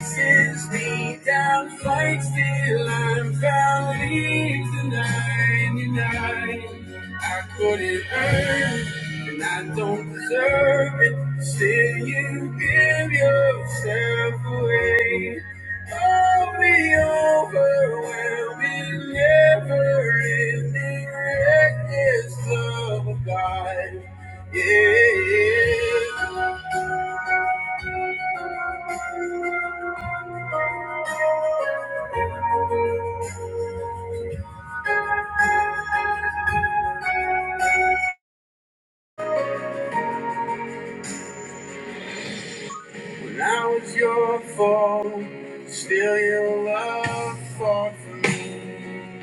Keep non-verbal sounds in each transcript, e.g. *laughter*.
Sends me down, fights till I'm found. Leaves the 99. I couldn't earn, it, and I don't deserve it. Still, you give yourself away. Hold me overwhelming, never-ending, reckless love of God. Yeah. yeah. When I was your fault, still your love fought for me.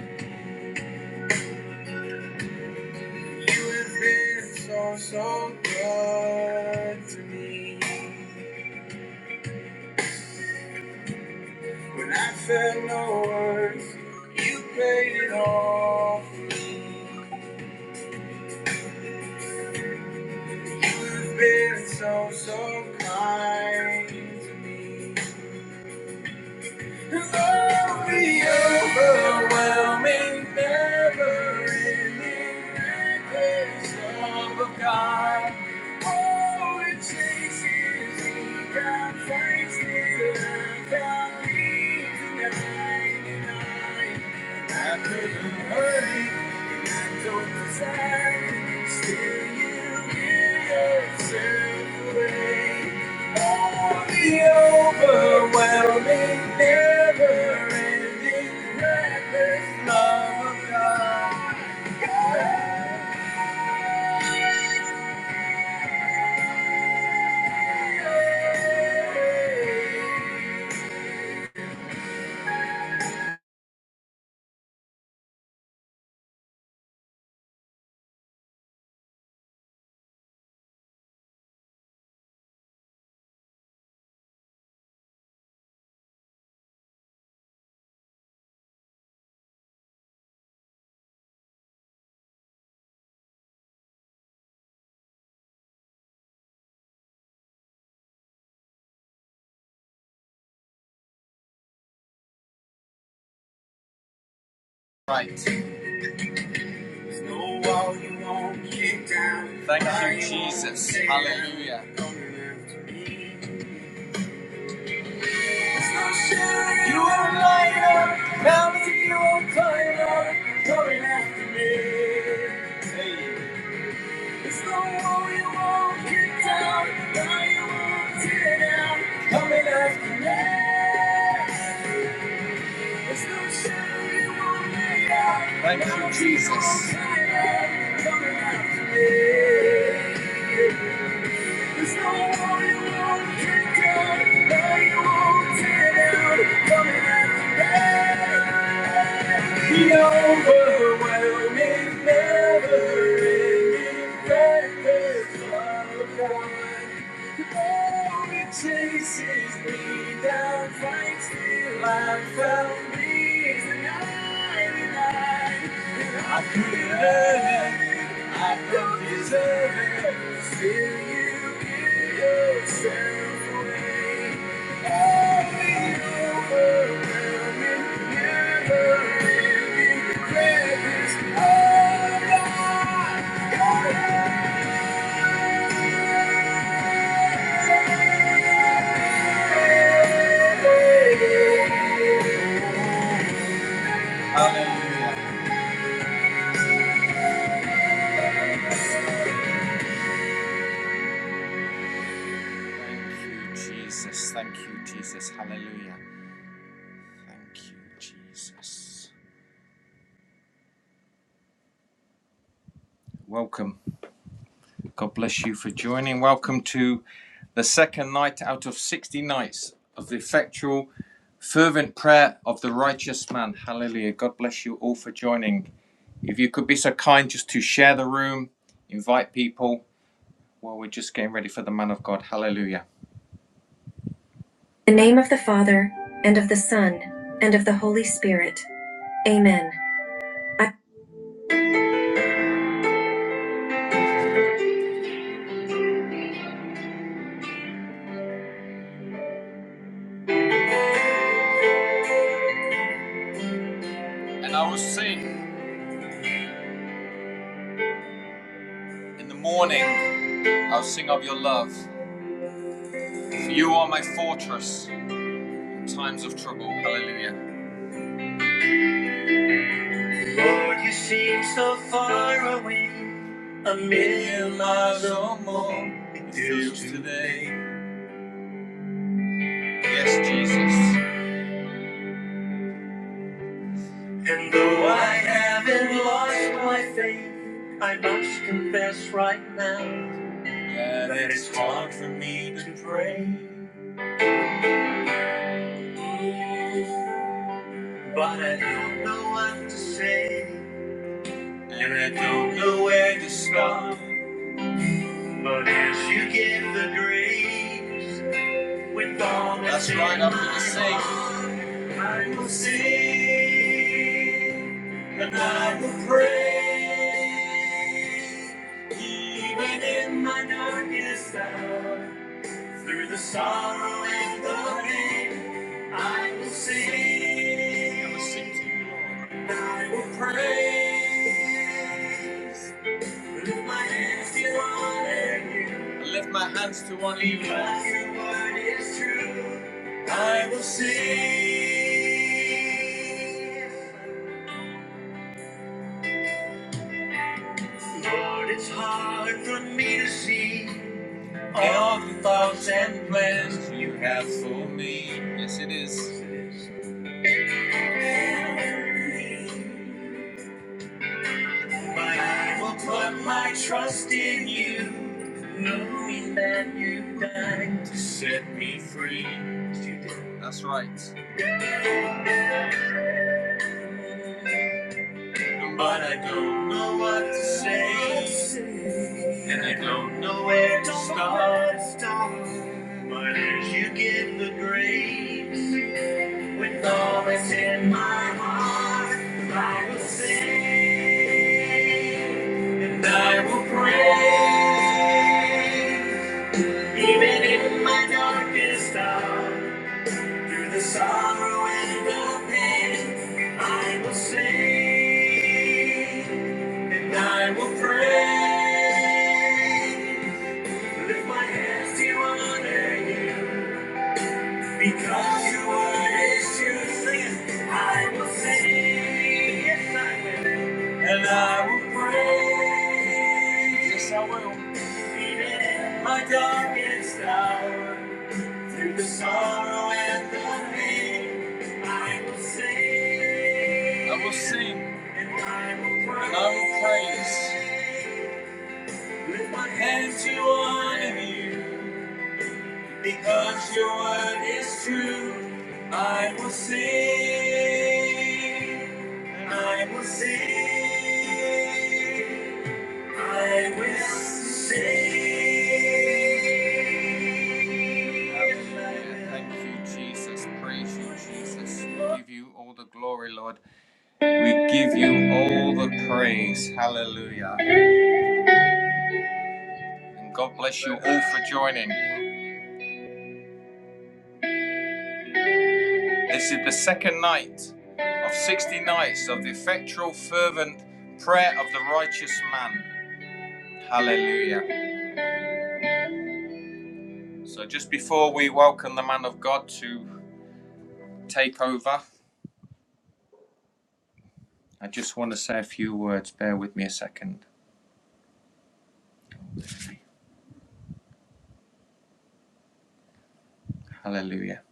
You have been so, so good to me. When I felt no words, you paid it all. You have been so, so kind to me. Love the overwhelming, never-ending riches of God. Oh, it chases me down, finds the earth, and leaves the 99. I couldn't hurt it. Right. Thank you, Jesus. Hallelujah. You are mine, now that you are tired of coming after me. Hey. It's the wall you won't kick down, now you won't tear down, coming after me. It's the shadow you won't lay down. Thank you, now that you Jesus. are tired of coming after me. There's no wall you won't kick down, hell you won't tear down, coming after that. overwhelming, never-ending factors of God. Oh, chases me down, fights till I found me. tonight. I couldn't earn it. I don't deserve it. Still, you give yourself away. Oh, the overwhelming, never-ending presence of my God. Hallelujah. Thank you, Jesus. Thank you, Jesus. Hallelujah. Thank you, Jesus. Welcome. God bless you for joining. Welcome to the second night out of 60 nights of the effectual, fervent prayer of the righteous man. Hallelujah. God bless you all for joining. If you could be so kind just to share the room, invite people while we're just getting ready for the man of God. Hallelujah. In the name of the Father, and of the Son, and of the Holy Spirit. Amen. I- and I will sing in the morning, I'll sing of your love. For you are my fortress. times of trouble. Hallelujah. A Million miles or more, it feels today. Yes, Jesus. And though I haven't lost my faith, I must confess right now that that it's hard for me to pray. But I don't know what to say, don't know where to start. But as you give the grace, with all that's right, I'm gonna sing. I will sing. And I will pray, even in my darkest hour, through the sorrow and the pain, I will sing. I will sing to you, Lord. I will praise. Lift my hands to honor you. Lift my hands to honor you. Lord. Because your word is true. I will sing. Lord, it's hard for me to see. All the thoughts and plans you have for me. Yes, it is. My I will put my trust in you, knowing that you died to set me free. You did. That's right. But I don't know what to say, and I don't know where to start. But as you give the grace, with all that's in my heart, I will sing. And I will pray, even in my darkest hour, through the sorrow and the pain, I will sing, and I will pray. Lift my hands to honor you, because your word is truth. I will sing, yes I will. And I will praise. Yes, I will. Even in my darkest hour, through the sorrow and the pain, I will sing. I will sing. I will praise. And I will praise. With my hands to honor you, because your word is true. I will sing. I will sing. I will sing. Hallelujah. Thank you, Jesus. Praise you, Jesus. We give you all the glory, Lord. We give you all the praise. Hallelujah. And God bless you all for joining. This is the second night of 60 nights of the effectual, fervent prayer of the righteous man. Hallelujah. So, just before we welcome the man of God to take over, I just want to say a few words. Bear with me a second. Hallelujah.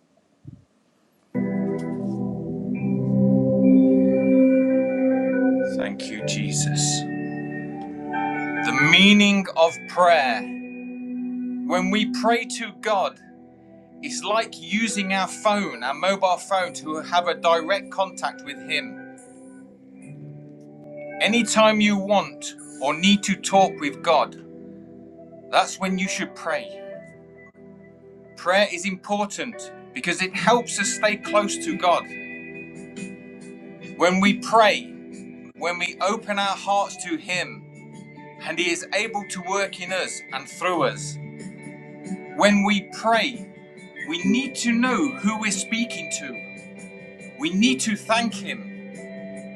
Thank you, Jesus. The meaning of prayer. When we pray to God, it's like using our phone, our mobile phone, to have a direct contact with Him. Anytime you want or need to talk with God, that's when you should pray. Prayer is important because it helps us stay close to God. When we pray, when we open our hearts to Him, and He is able to work in us and through us. When we pray, we need to know who we're speaking to. We need to thank Him.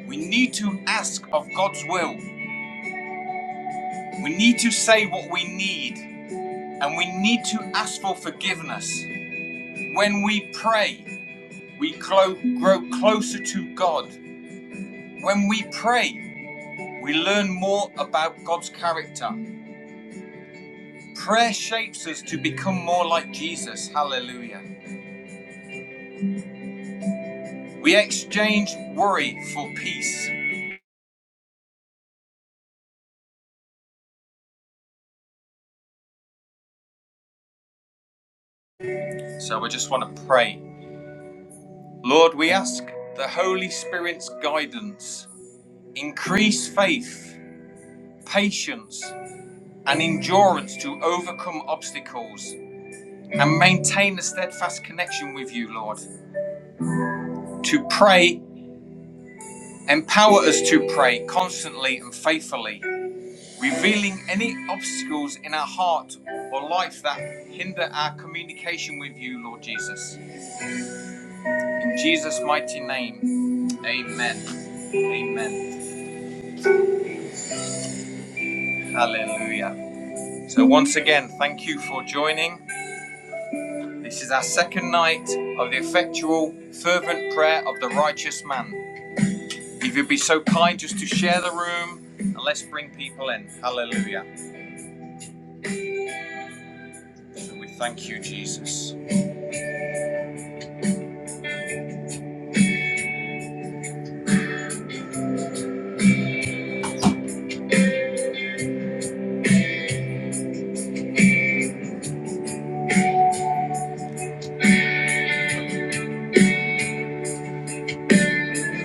We need to ask of God's will. We need to say what we need. And we need to ask for forgiveness. When we pray, we grow closer to God. When we pray, we learn more about God's character. Prayer shapes us to become more like Jesus. Hallelujah. We exchange worry for peace. So I just want to pray. Lord, we ask the Holy Spirit's guidance Increase faith, patience, and endurance to overcome obstacles and maintain a steadfast connection with you, Lord. To pray, empower us to pray constantly and faithfully, revealing any obstacles in our heart or life that hinder our communication with you, Lord Jesus. In Jesus' mighty name, amen. Amen. Hallelujah. So, once again, thank you for joining. This is our second night of the effectual, fervent prayer of the righteous man. If you'd be so kind just to share the room and let's bring people in. Hallelujah. So we thank you, Jesus.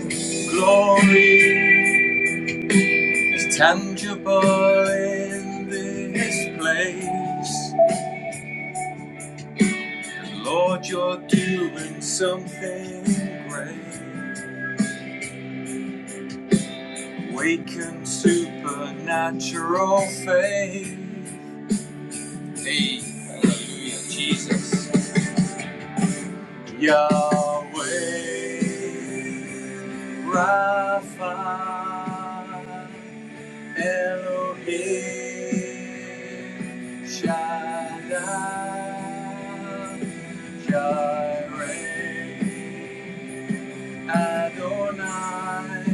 Glory is tangible in this place. Lord, you're doing something great. Awaken supernatural faith. Hey, hallelujah, Jesus. Yahweh, Rapha, Elohim, Shaddai, Jireh, Adonai,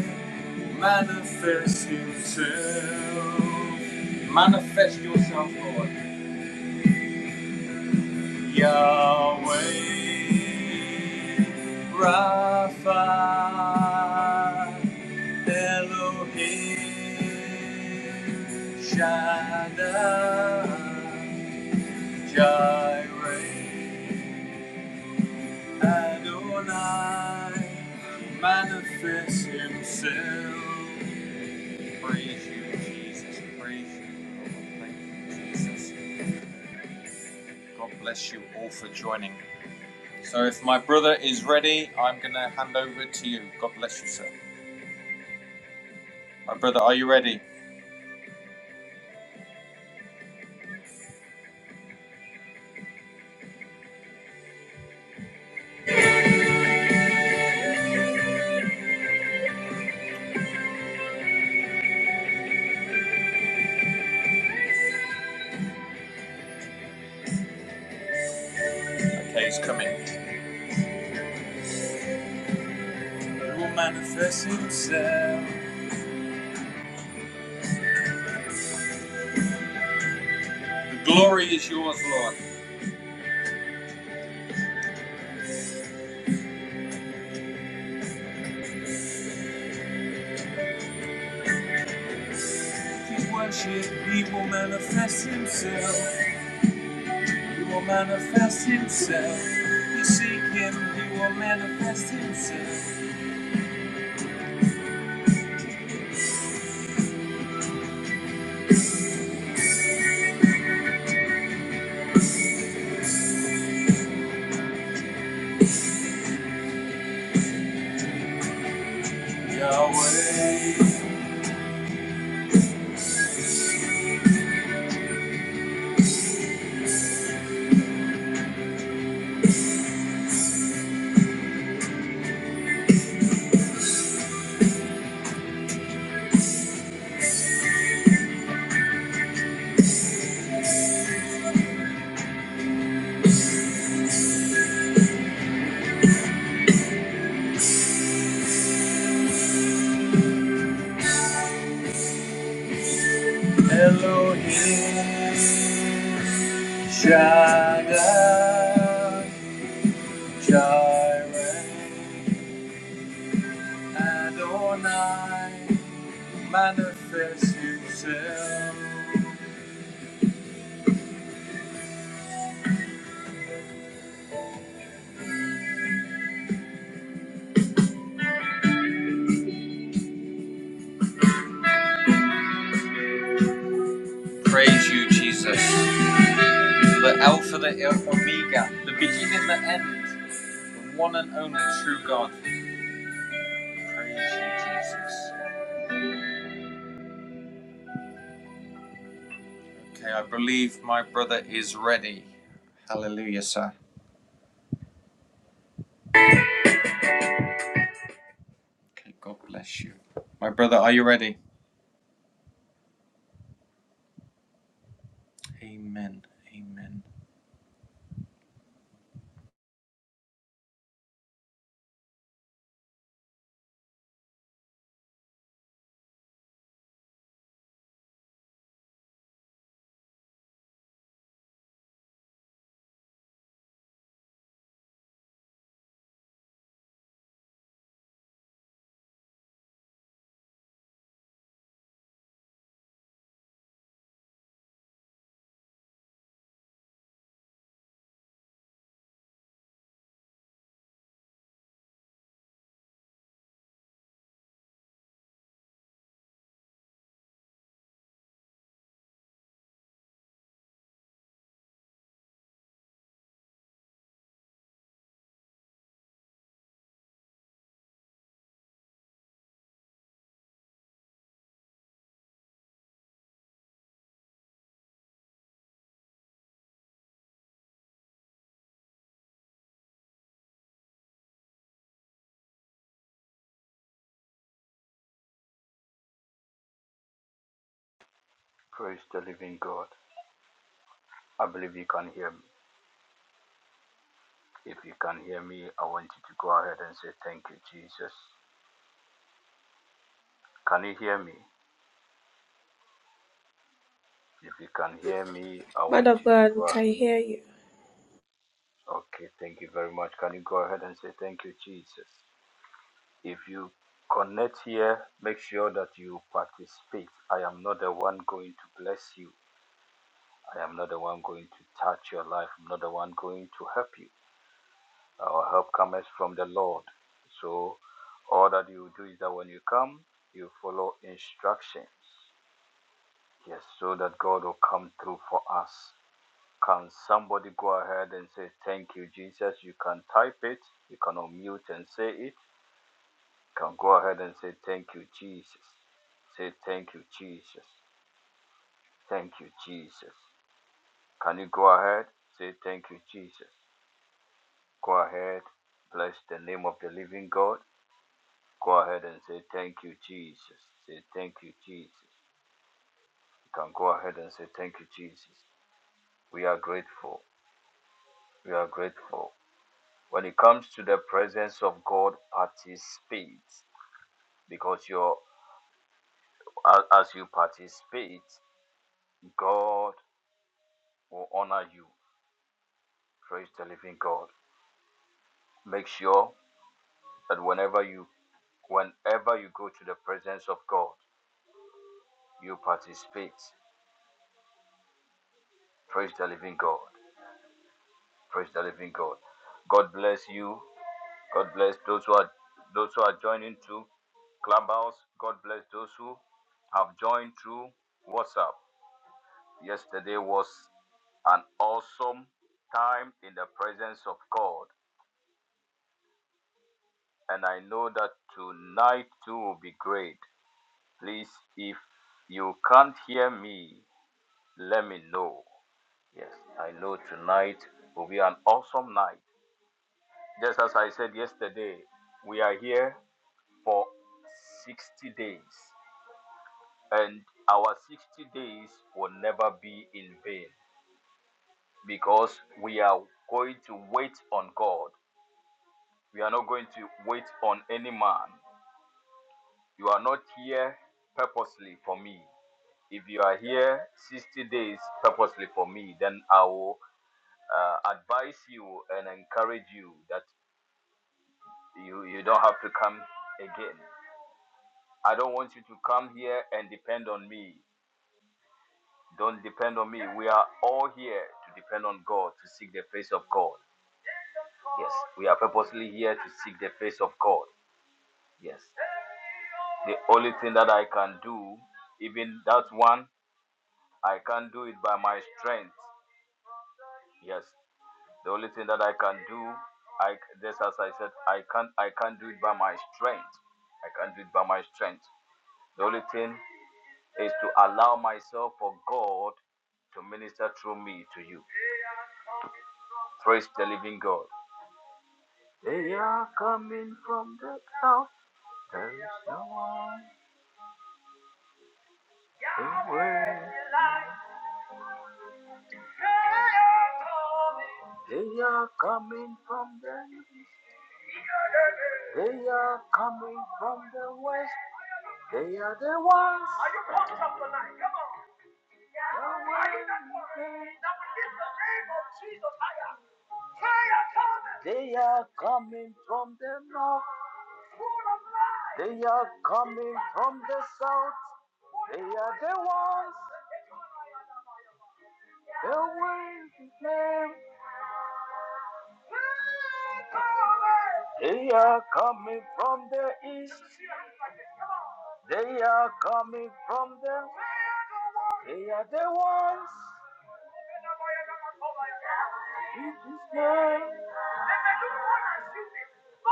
manifest yourself, manifest yourself, Lord. Yahweh, Rapha, Elohim, Shaddai, Jireh, Adonai, manifest Himself. Praise you, Jesus. Praise you. Thank you, Jesus. God bless you all for joining. So if my brother is ready, I'm gonna hand over to you. God bless you, sir. My brother, are you ready? Okay, he's coming. He will manifest himself. The glory is yours, Lord. His worship, he will manifest himself. He will manifest himself. You seek him, he will manifest himself. Yahweh, Elohim, Shaddai, Jireh. Adonai, manifest yourself. Praise you, Jesus. The Alpha, the Omega, the beginning, the end, the one and only true God. Praise you, Jesus. Okay, I believe my brother is ready. Hallelujah, sir. Okay, God bless you. My brother, are you ready? Amen. Amen. Man of God, we can hear you.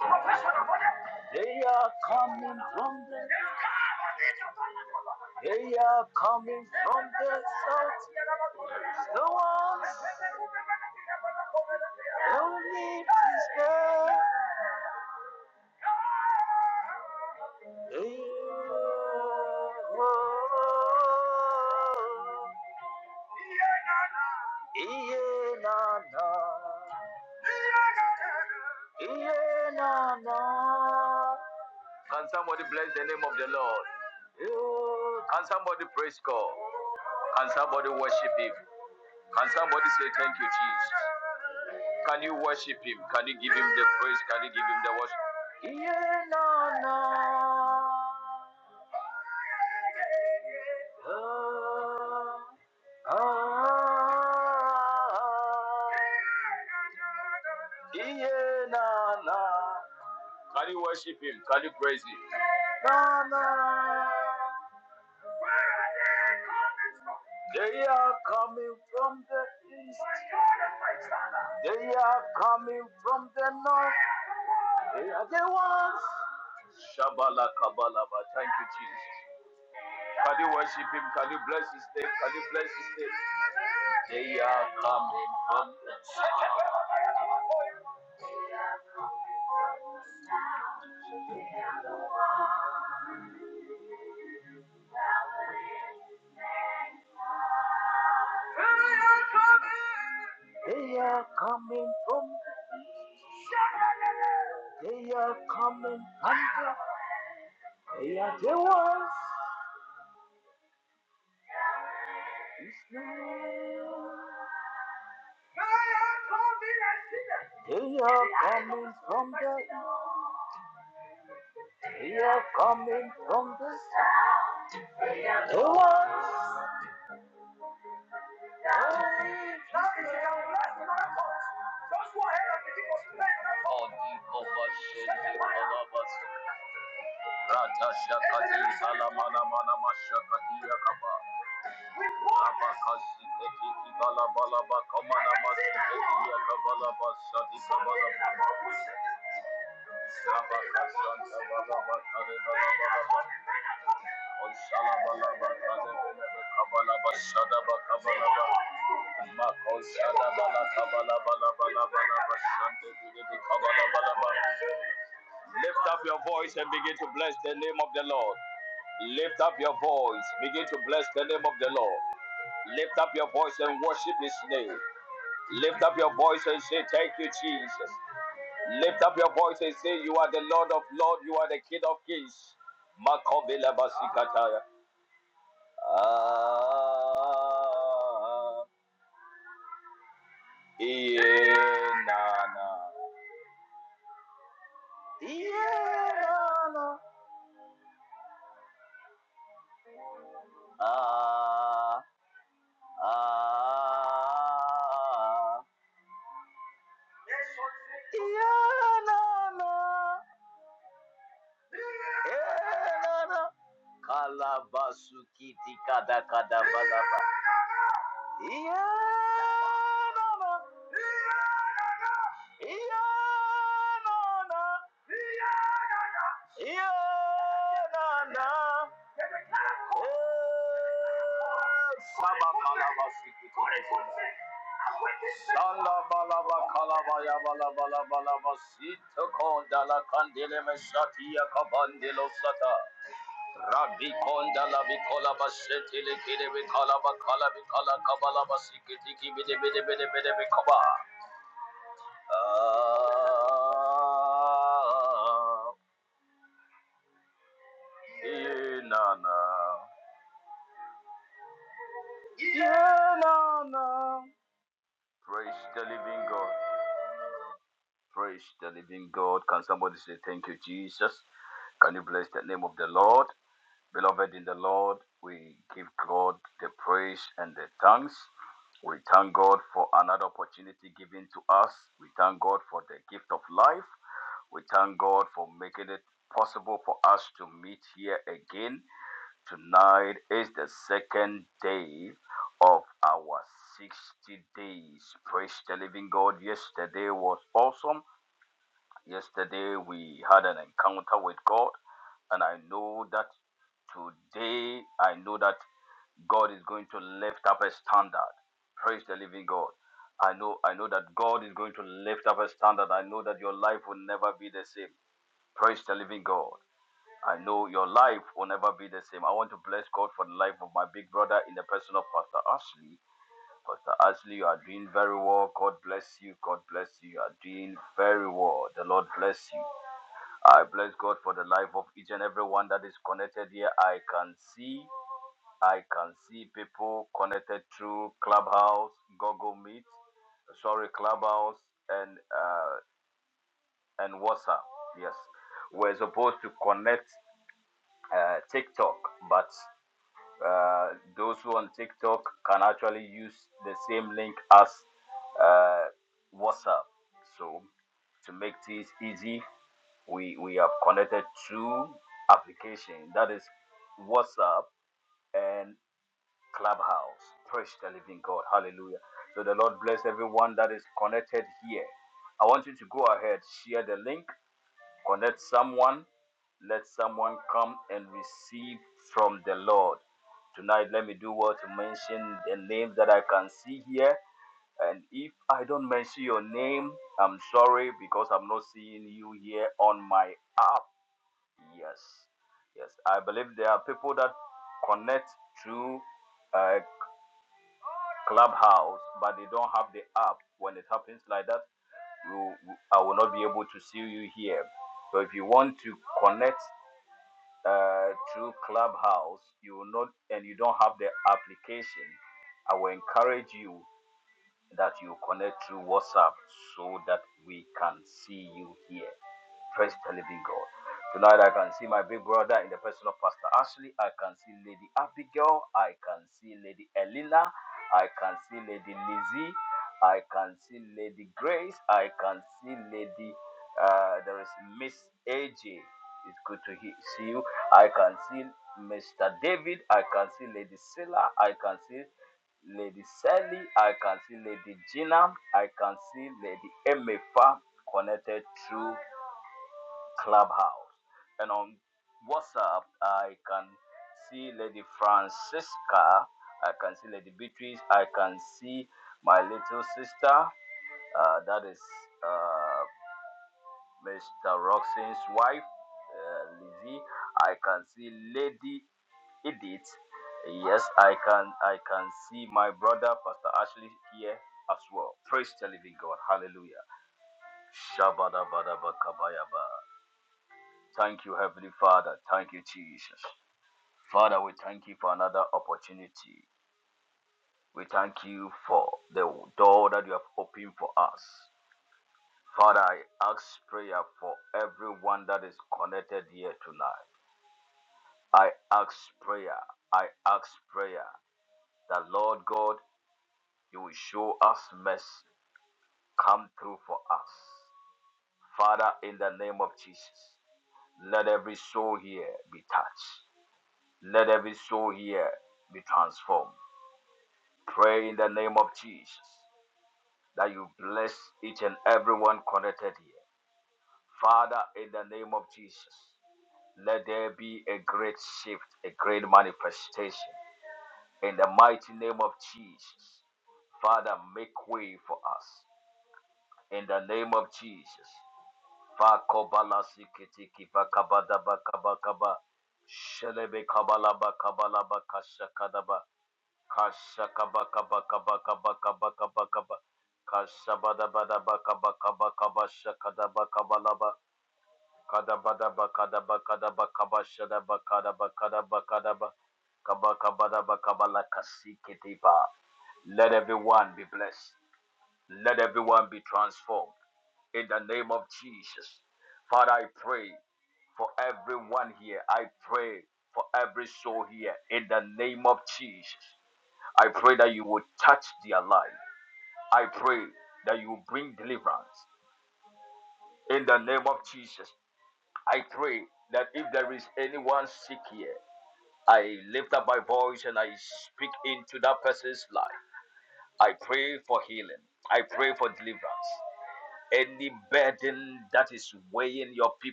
Professional. Where are coming from? God of my father. Yeah.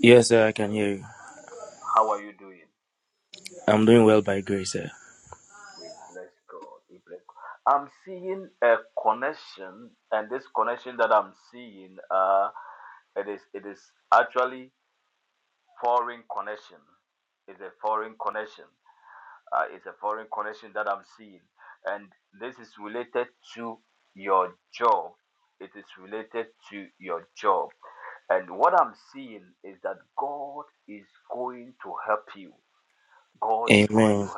Yes, sir, I can hear you. I'm doing well by grace, sir. Amen.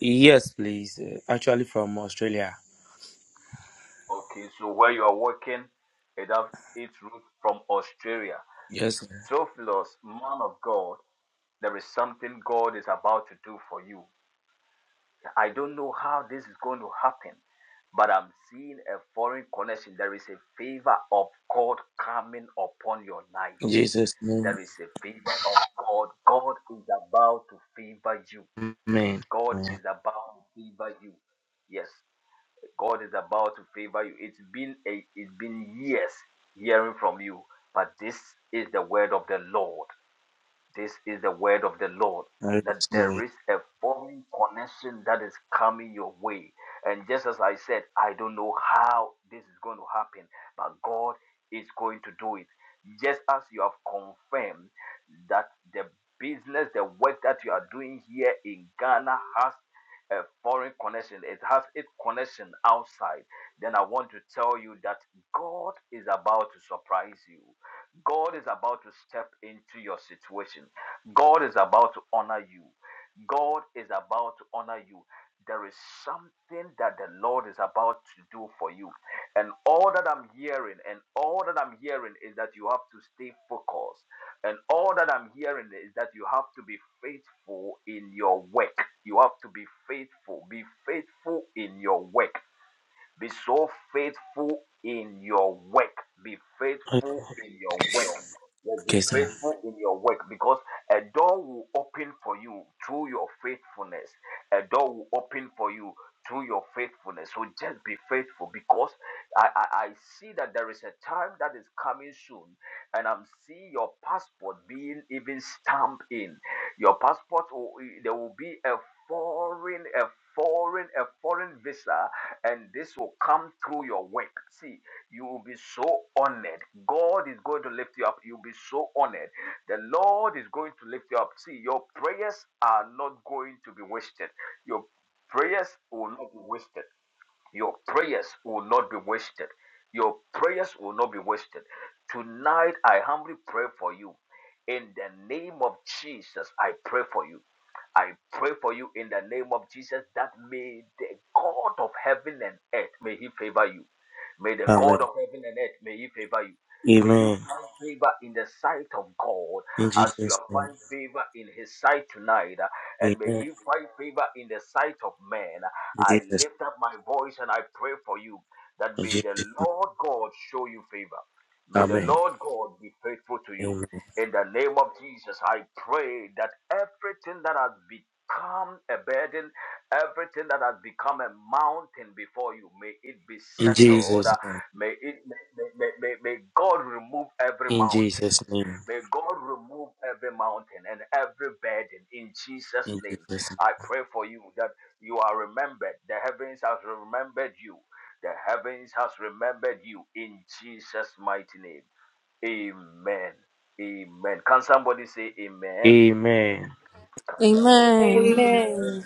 Yes, please. sir. Actually, from Australia. Yes, sir. In Jesus' name. Amen. Amen. I receive it. Okay, sir. Amen. Amen. In Jesus' name. Amen. In Jesus' in Jesus' name. Amen. Amen. In Jesus' name. In Jesus' name. In Jesus' name. Amen. Amen. Amen.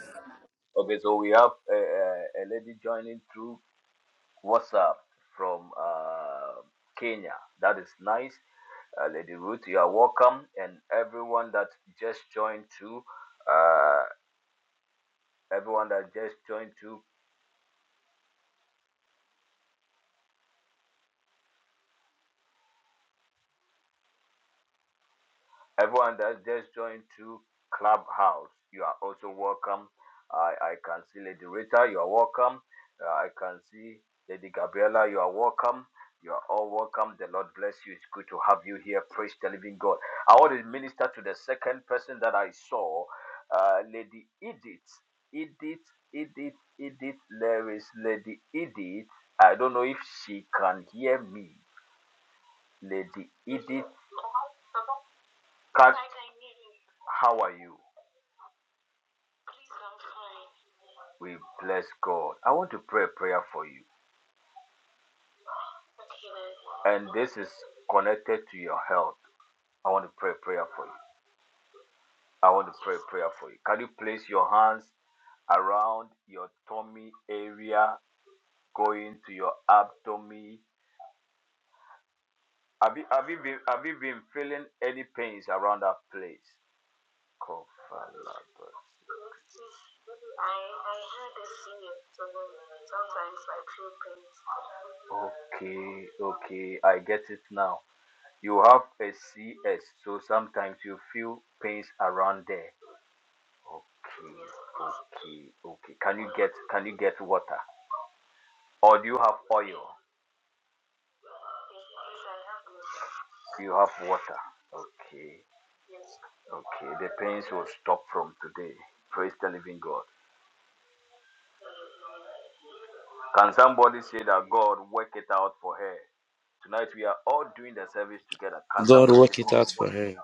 God work it out for her.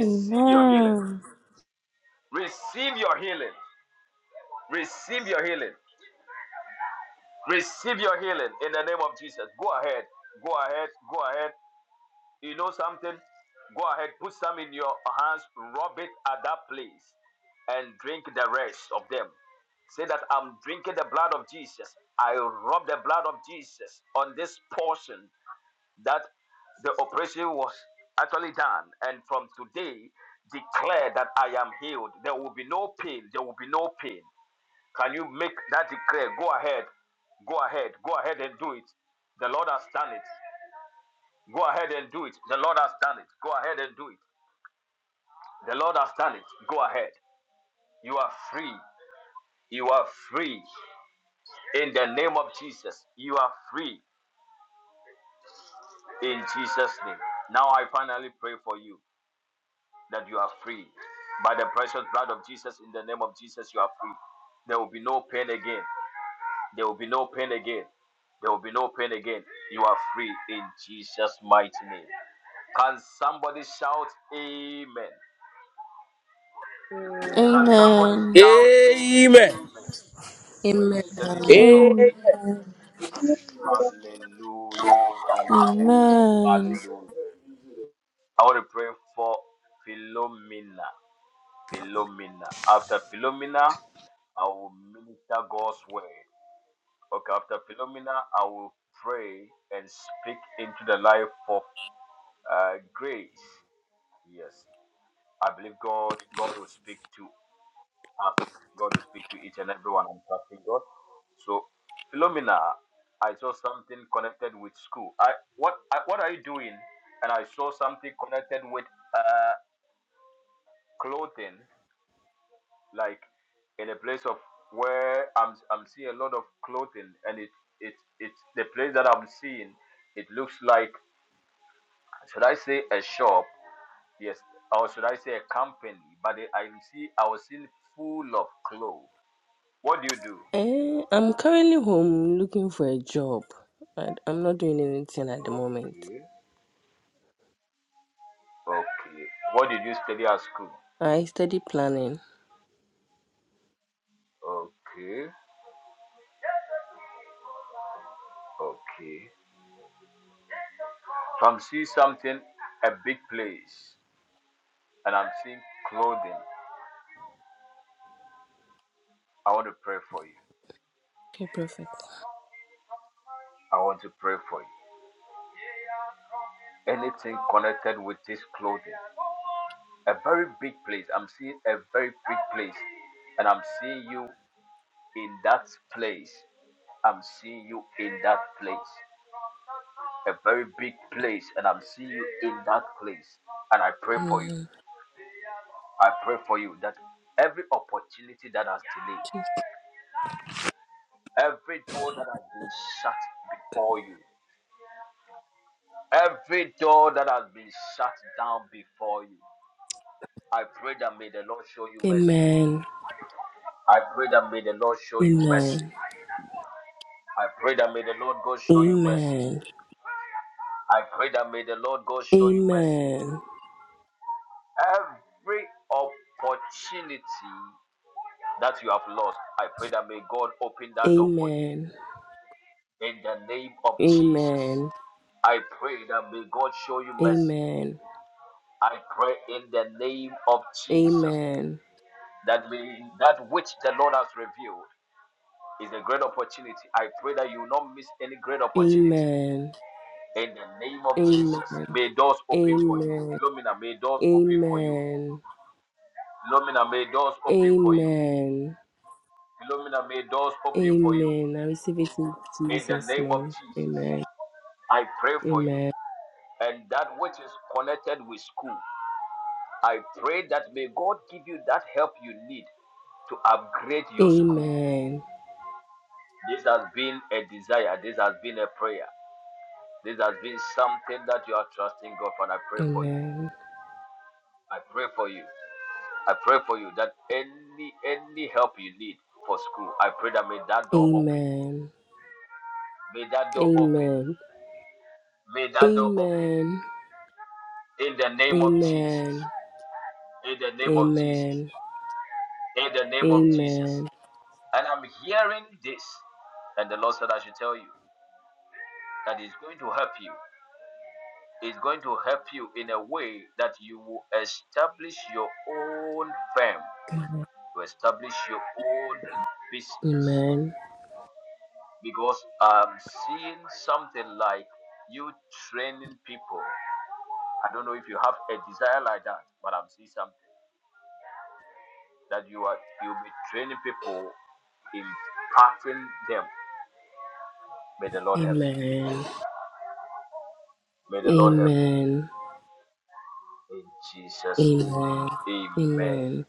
Amen. Amen. Amen. Amen. Amen. Amen. Amen. Eh, I'm currently home looking for a job. I, I'm not doing anything at the moment. I study planning. Okay, perfect. Amen. Amen. Amen. Amen. Amen. Amen. Amen. Amen. Amen. Amen. Amen. Amen. Amen. Amen. Amen. I receive it in Jesus' name. Amen. Amen. Amen. Amen. Amen. Amen. Amen. Amen. Amen. Amen. Amen. Amen. Amen. Amen. Amen. Amen.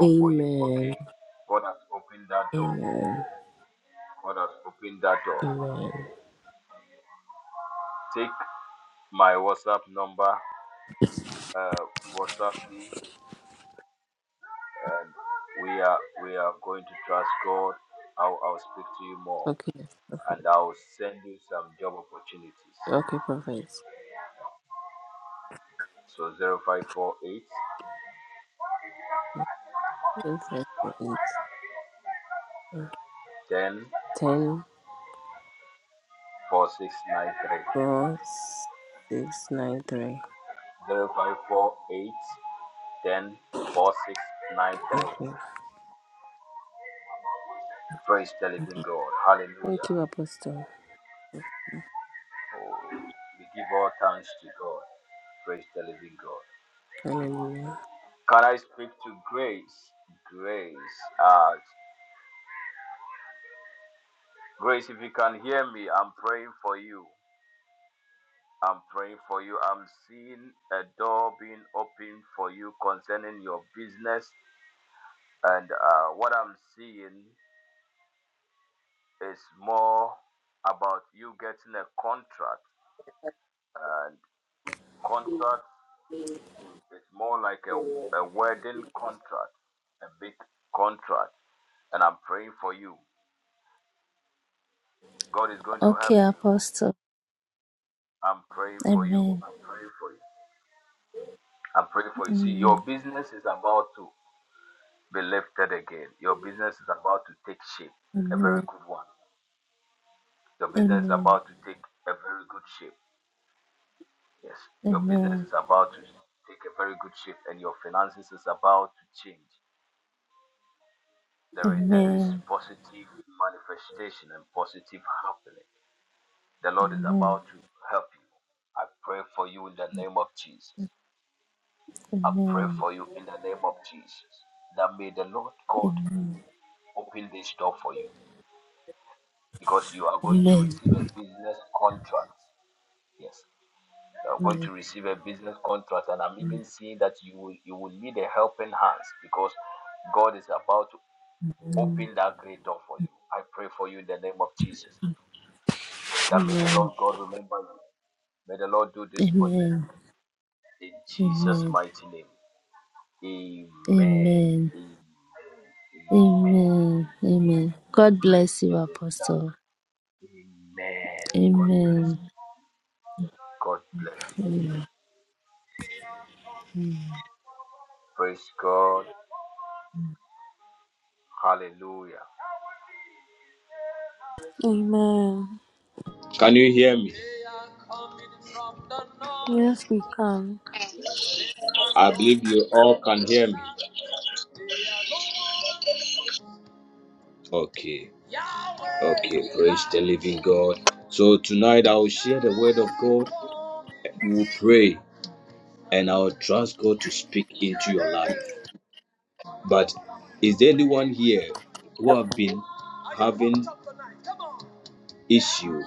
Amen. Amen. Amen. Okay, perfect. Okay, perfect. Perfect. Eight. Ten, four, six, nine, three. Okay. Thank you, Apostle. Hallelujah. Okay, Apostle. Amen. Amen. Amen. Amen. Amen. Amen. Amen. Amen. Amen. Amen. Amen. Amen. Amen. Amen. Amen. Amen. Amen. God bless you, Apostle. Amen. Amen. Can you hear me? Yes, we can. I believe you all can hear me. Okay. Okay, praise the living God. So tonight I will share the word of God. We will pray and I will trust God to speak into your life. But is there anyone here who have been having issue,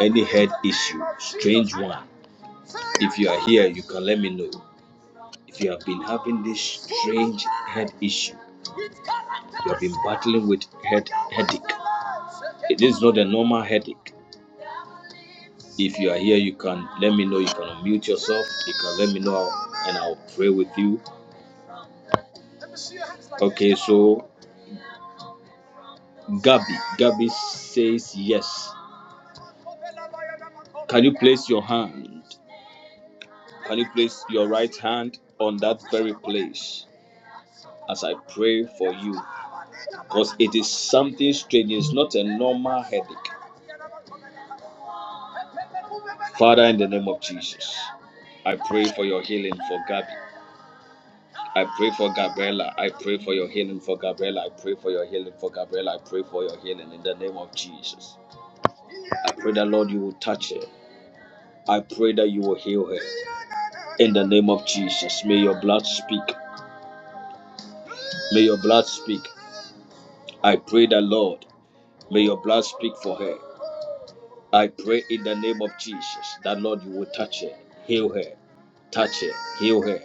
any head issue, strange one? If you are here, you can let me know. If you have been having this strange head issue, you have been battling with head headache. It is not a normal headache. If you are here, you can let me know. You can unmute yourself. You can let me know, and I'll pray with you. Okay, so Gabby, Gabby says yes. Can you place your hand? Can you place your right hand on that very place as I pray for you? because it is something strange. It's not a normal headache. Father, in the name of Jesus, I pray for your healing for Gabby. I pray for Gabriella. I pray for your healing for Gabriella. I pray for your healing for Gabriella. I pray for your healing in the name of Jesus. I pray that, Lord, you will touch her. I pray that you will heal her in the name of Jesus. May your blood speak. May your blood speak. I pray that, Lord, may your blood speak for her. I pray in the name of Jesus that Lord you will touch her, heal her, touch her, heal her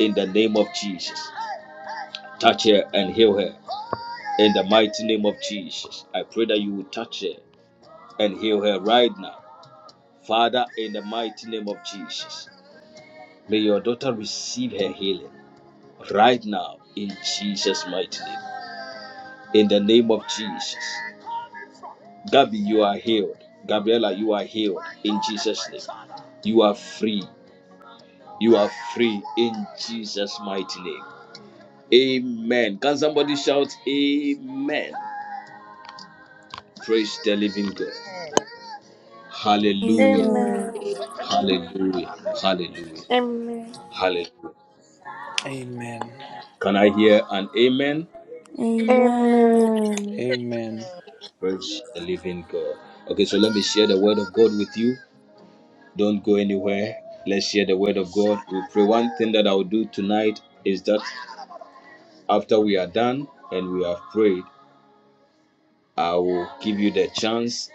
in the name of Jesus. Touch her and heal her in the mighty name of Jesus. I pray that you will touch her and heal her right now. Father, in the mighty name of Jesus, may your daughter receive her healing right now in Jesus' mighty name. In the name of Jesus. Gabby, you are healed. Gabriella, you are healed in Jesus' name. You are free You are free in Jesus' mighty name. Amen. Can somebody shout Amen? Praise the living God. Hallelujah. Amen. Amen. Hallelujah. Hallelujah. Amen. Hallelujah. Can I hear an amen? Amen. Amen. Amen. Praise the living God. Okay, so let me share the word of God with you. Don't go anywhere. Let's share the word of God. We pray. One thing that I will do tonight is that after we are done and we have prayed, I will give you the chance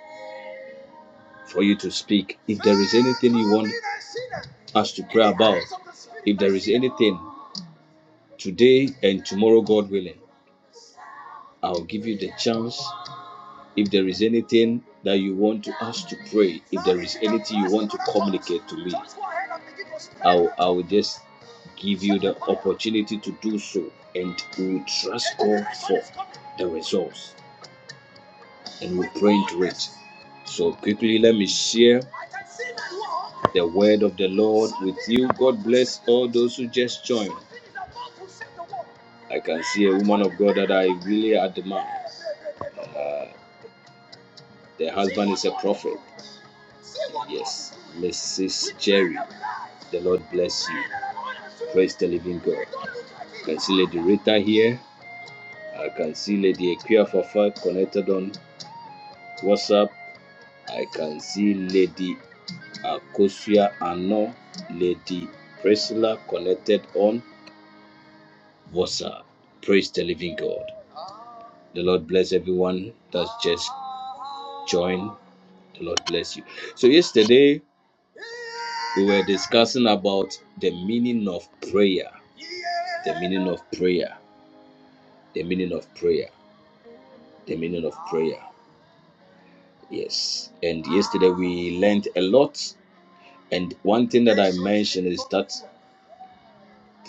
for you to speak. If there is anything you want us to pray about, if there is anything today and tomorrow, God willing, I'll give you the chance. If there is anything that you want to us to pray, if there is anything you want to communicate to me, I will, I will just give you the opportunity to do so, and we will trust God for the results. and we pray to it. So, quickly, let me share the word of the Lord with you. God bless all those who just joined. I can see a woman of God that I really admire. Uh, the husband is a prophet. Yes, Mrs. Jerry. The Lord bless you. Praise the living God. I can see Lady Rita here. I can see Lady Equia Fafa connected on WhatsApp. I can see Lady Akosia Ano, Lady Priscilla connected on WhatsApp. Praise the living God. The Lord bless everyone that's just joined. The Lord bless you. So yesterday we were discussing about the meaning of prayer. The meaning of prayer. The meaning of prayer. The meaning of prayer. Yes. And yesterday we learned a lot. And one thing that I mentioned is that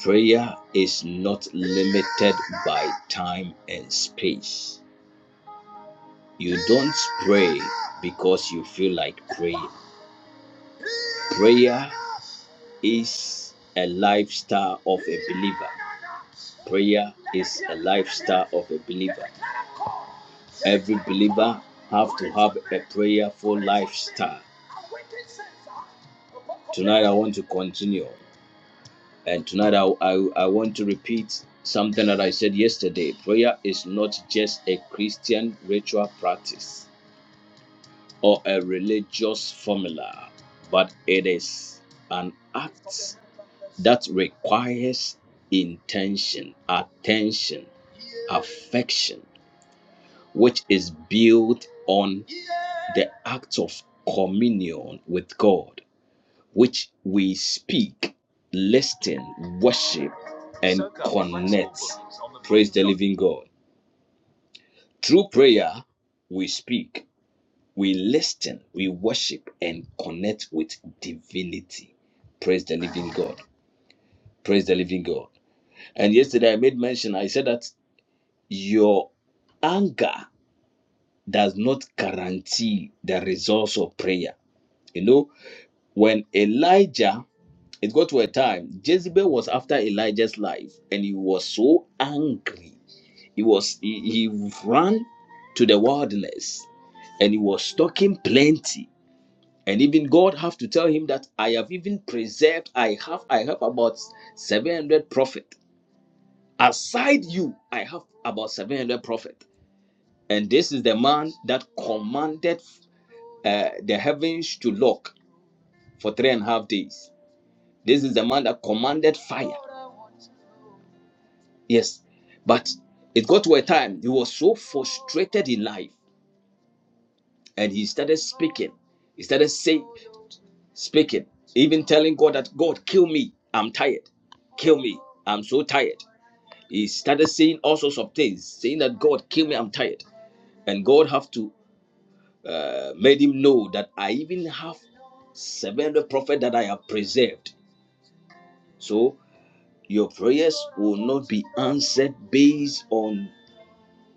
Prayer is not limited by time and space. You don't pray because you feel like praying. Prayer is a lifestyle of a believer. Prayer is a lifestyle of a believer. Every believer have to have a prayerful lifestyle. Tonight I want to continue. And tonight, I, I, I want to repeat something that I said yesterday. Prayer is not just a Christian ritual practice or a religious formula, but it is an act that requires intention, attention, affection, which is built on the act of communion with God which we speak, listen, worship, and connect. Praise the living God. Through prayer, we speak, we listen, we worship, and connect with divinity. Praise the living God. Praise the living God. And yesterday I made mention, I said that your anger does not guarantee the results of prayer. You know, When Elijah, it got to a time, Jezebel was after Elijah's life, and he was so angry. He was he, he ran to the wilderness and he was talking plenty. And even God have to tell him that I have even preserved, I have I have about 700 prophet. Aside you, I have about 700 prophet. And this is the man that commanded uh, the heavens to lock for three and a half days This is the man that commanded fire. Yes. But it got to a time he was so frustrated in life and he started speaking. He started saying, speaking, even telling God that, God, kill me. I'm tired. Kill me. I'm so tired. He started saying all sorts of things, saying that, God, kill me. I'm tired. And God have to uh, made him know that I even have 700 prophets that I have preserved. So your prayers will not be answered based on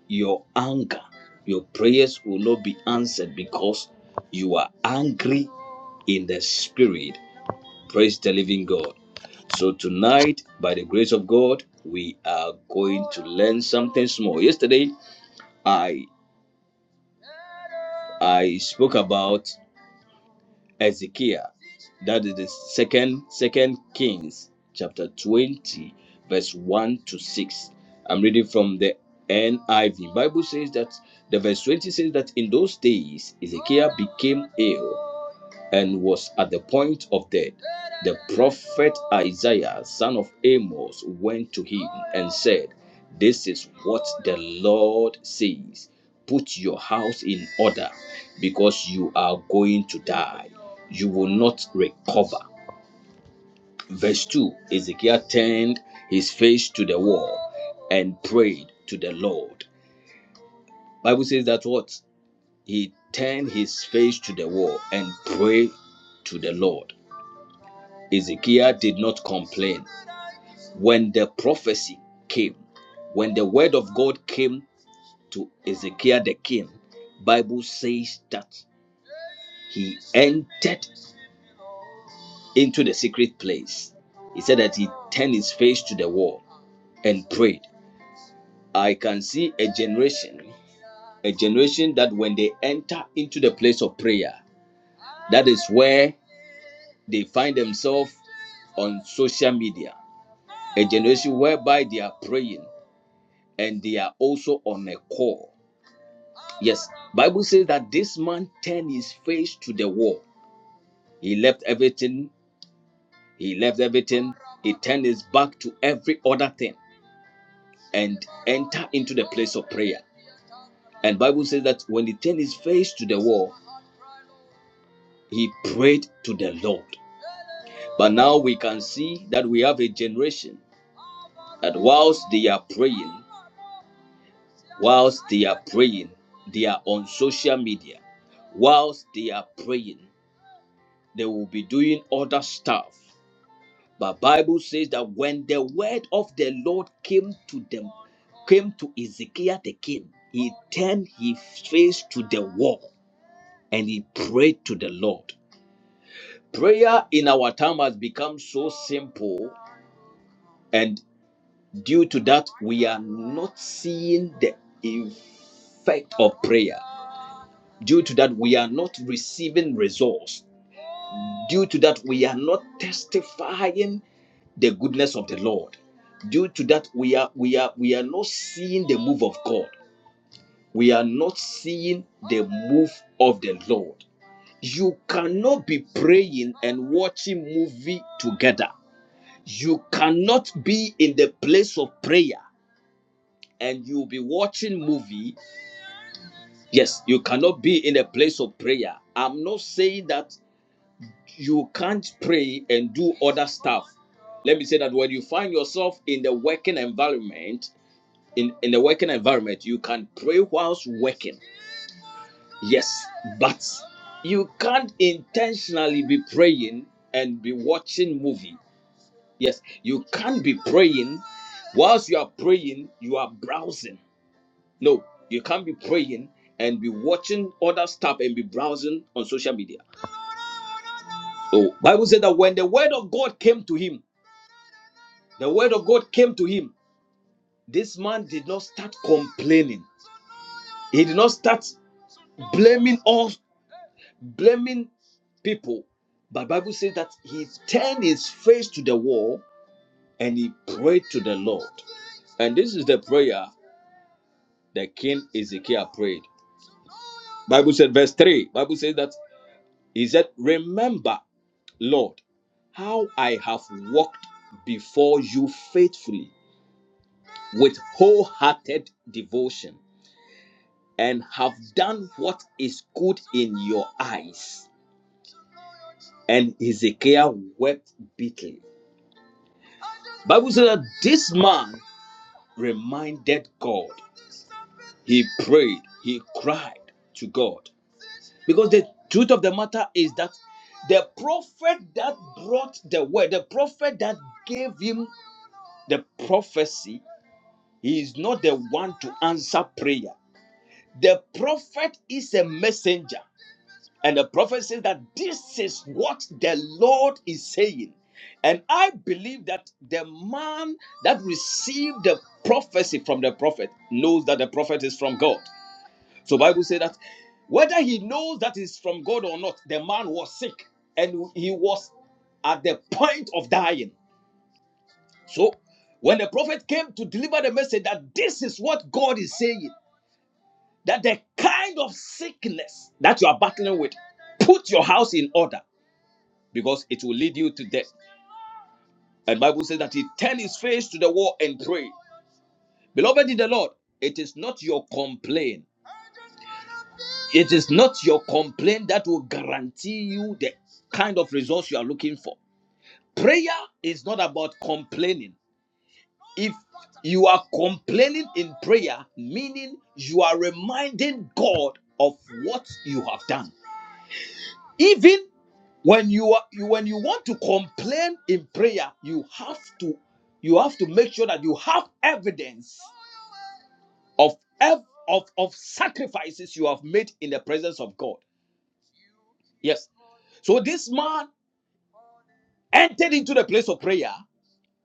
your anger, your prayers will not be answered because you are angry in the spirit. Praise the living God. So, tonight, by the grace of God, we are going to learn something small. Yesterday, I I spoke about Ezekiel. That is the second second Kings chapter 20 verse 1 to 6. I'm reading from the NIV. Bible says that the verse 20 says that in those days Ezekiel became ill and was at the point of death, the prophet Isaiah, son of Amos, went to him and said, This is what the Lord says Put your house in order, because you are going to die. You will not recover. Verse 2 Ezekiel turned his face to the wall and prayed to the Lord. Bible says that what? He turned his face to the wall and prayed to the Lord. Ezekiel did not complain. When the prophecy came, when the word of God came to Ezekiel the king, Bible says that he entered into the secret place. He said that he turned his face to the wall and prayed. I can see a generation, a generation that when they enter into the place of prayer, that is where they find themselves on social media. A generation whereby they are praying, and they are also on a call. Yes, Bible says that this man turned his face to the wall. He left everything. He left everything. He turned his back to every other thing and enter into the place of prayer. And Bible says that when he turned his face to the wall, he prayed to the Lord. But now we can see that we have a generation that whilst they are praying, whilst they are praying, they are on social media whilst they are praying they will be doing other stuff but bible says that when the word of the lord came to them came to ezekiel the king he turned his face to the wall and he prayed to the lord prayer in our time has become so simple and due to that we are not seeing the effect of prayer due to that we are not receiving results due to that we are not testifying the goodness of the Lord. Due to that, we are we are we are not seeing the move of God. We are not seeing the move of the Lord. You cannot be praying and watching movie together. You cannot be in the place of prayer and you'll be watching movie. Yes, you cannot be in a place of prayer. I'm not saying that you can't pray and do other stuff. Let me say that when you find yourself in the working environment in in the working environment you can pray whilst working yes but you can't intentionally be praying and be watching movie yes you can't be praying whilst you are praying you are browsing no you can't be praying and be watching other stuff and be browsing on social media So bible said that when the word of god came to him the word of god came to him this man did not start complaining he did not start blaming all. blaming people. But Bible says that he turned his face to the wall and he prayed to the Lord. And this is the prayer that King Ezekiel prayed. Bible said, verse 3, Bible says that he said, Remember, Lord, how I have walked before you faithfully with wholehearted devotion and have done what is good in your eyes. And Ezekiel wept bitterly. Bible says that this man reminded God. He prayed, he cried to God. Because the truth of the matter is that the prophet that brought the word, the prophet that gave him the prophecy, he is not the one to answer prayer. The prophet is a messenger, and the prophet says that this is what the Lord is saying. And I believe that the man that received the prophecy from the prophet knows that the prophet is from God. So Bible says that whether he knows that is from God or not, the man was sick and he was at the point of dying. So when the prophet came to deliver the message that this is what God is saying, that the kind of sickness that you are battling with, put your house in order because it will lead you to death. And Bible says that he turned his face to the wall and prayed. Beloved in the Lord, it is not your complaint. It is not your complaint that will guarantee you the kind of results you are looking for. Prayer is not about complaining. If you are complaining in prayer, meaning you are reminding God of what you have done. Even when you are when you want to complain in prayer, you have to you have to make sure that you have evidence of of of sacrifices you have made in the presence of God. Yes. So this man entered into the place of prayer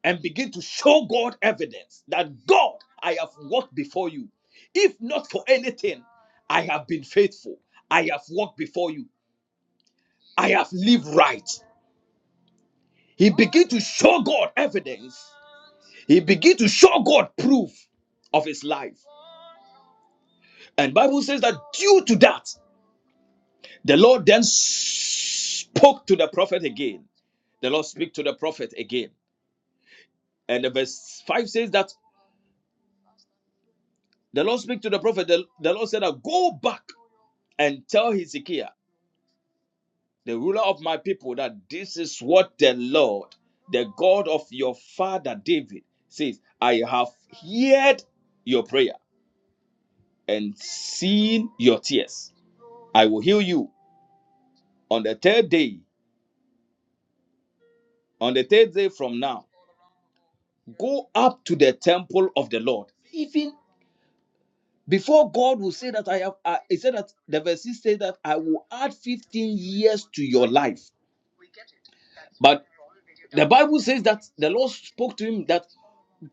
and begin to show God evidence that God, I have walked before you. If not for anything, I have been faithful. I have walked before you. I have lived right. He began to show God evidence. He began to show God proof of his life. And Bible says that due to that, the Lord then spoke to the prophet again. The Lord speak to the prophet again. And the verse 5 says that The Lord speak to the prophet. The, the Lord said, that, Go back and tell Hezekiah, the ruler of my people, that this is what the Lord, the God of your father David, says I have heard your prayer and seen your tears. I will heal you on the third day, on the third day from now. Go up to the temple of the Lord. Even before God will say that I have, I he said that the verse says that I will add 15 years to your life. but." The Bible says that the Lord spoke to him that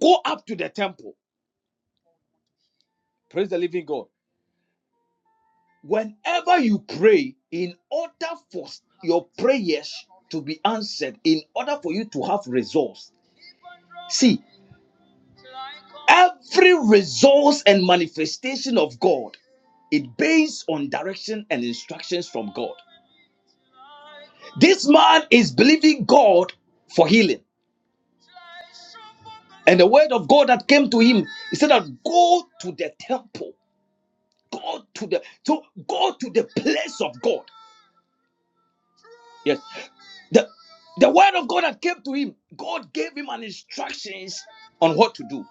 go up to the temple. Praise the living God. Whenever you pray, in order for your prayers to be answered, in order for you to have results, see, every resource and manifestation of God it based on direction and instructions from God. This man is believing God for healing. And the word of God that came to him, he said that go to the temple. Go to the so go to the place of God. Yes. The the word of God that came to him, God gave him an instructions on what to do.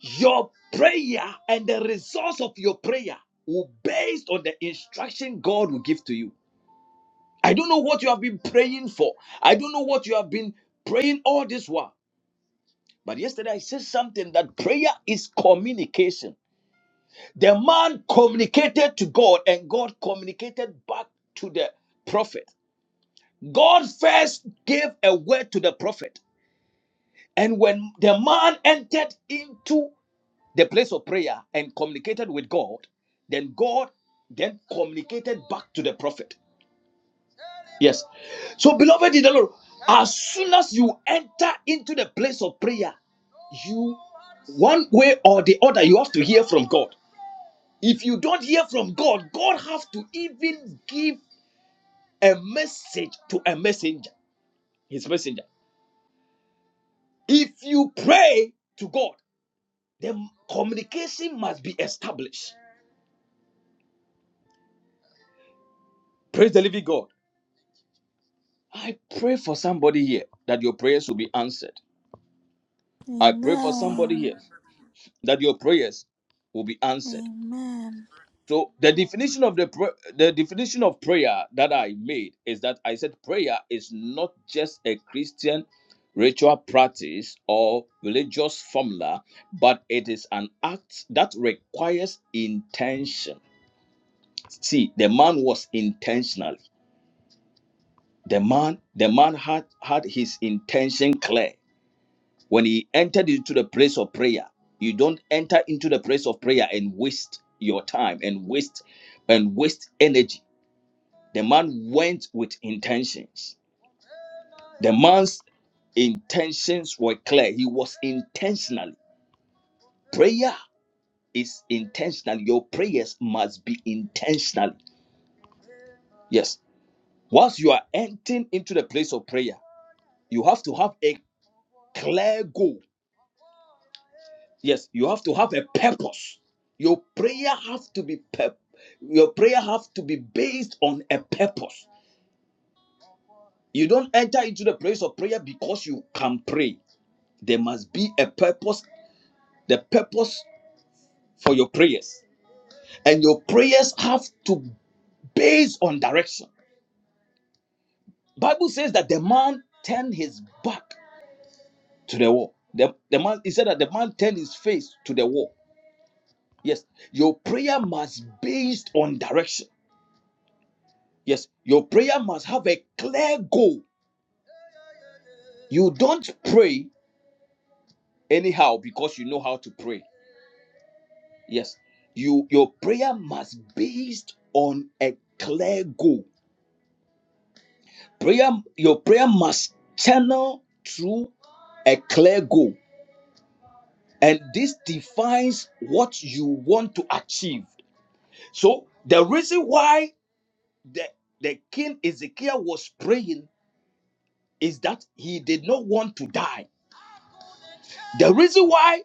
Your prayer and the results of your prayer will based on the instruction God will give to you. I don't know what you have been praying for. I don't know what you have been praying all this while. But yesterday I said something that prayer is communication. The man communicated to God and God communicated back to the prophet. God first gave a word to the prophet. And when the man entered into the place of prayer and communicated with God, then God then communicated back to the prophet. Yes. So, beloved in the Lord, as soon as you enter into the place of prayer, you one way or the other you have to hear from god if you don't hear from god god has to even give a message to a messenger his messenger If you pray to God, then communication must be established. Praise the living God. I pray for somebody here that your prayers will be answered. I pray for somebody here Amen. that your prayers will be answered. Amen. So the definition of the pra- the definition of prayer that I made is that I said prayer is not just a Christian ritual practice or religious formula, but it is an act that requires intention. see the man was intentional the man the man had had his intention clear when he entered into the place of prayer you don't enter into the place of prayer and waste your time and waste and waste energy the man went with intentions the man's intentions were clear he was intentional prayer is intentional your prayers must be intentional yes once you are entering into the place of prayer you have to have a clear goal. Yes, you have to have a purpose. Your prayer have to be pur- your prayer have to be based on a purpose. You don't enter into the place of prayer because you can pray. There must be a purpose, the purpose for your prayers. And your prayers have to base on direction. Bible says that the man turned his back to the wall. The, the man he said that the man turned his face to the wall. Yes, your prayer must based on direction. Yes, your prayer must have a clear goal. You don't pray anyhow because you know how to pray. Yes, you your prayer must based on a clear goal. Prayer, your prayer must channel through a clear goal, and this defines what you want to achieve. So the reason why the the king Ezekiel was praying is that he did not want to die. The reason why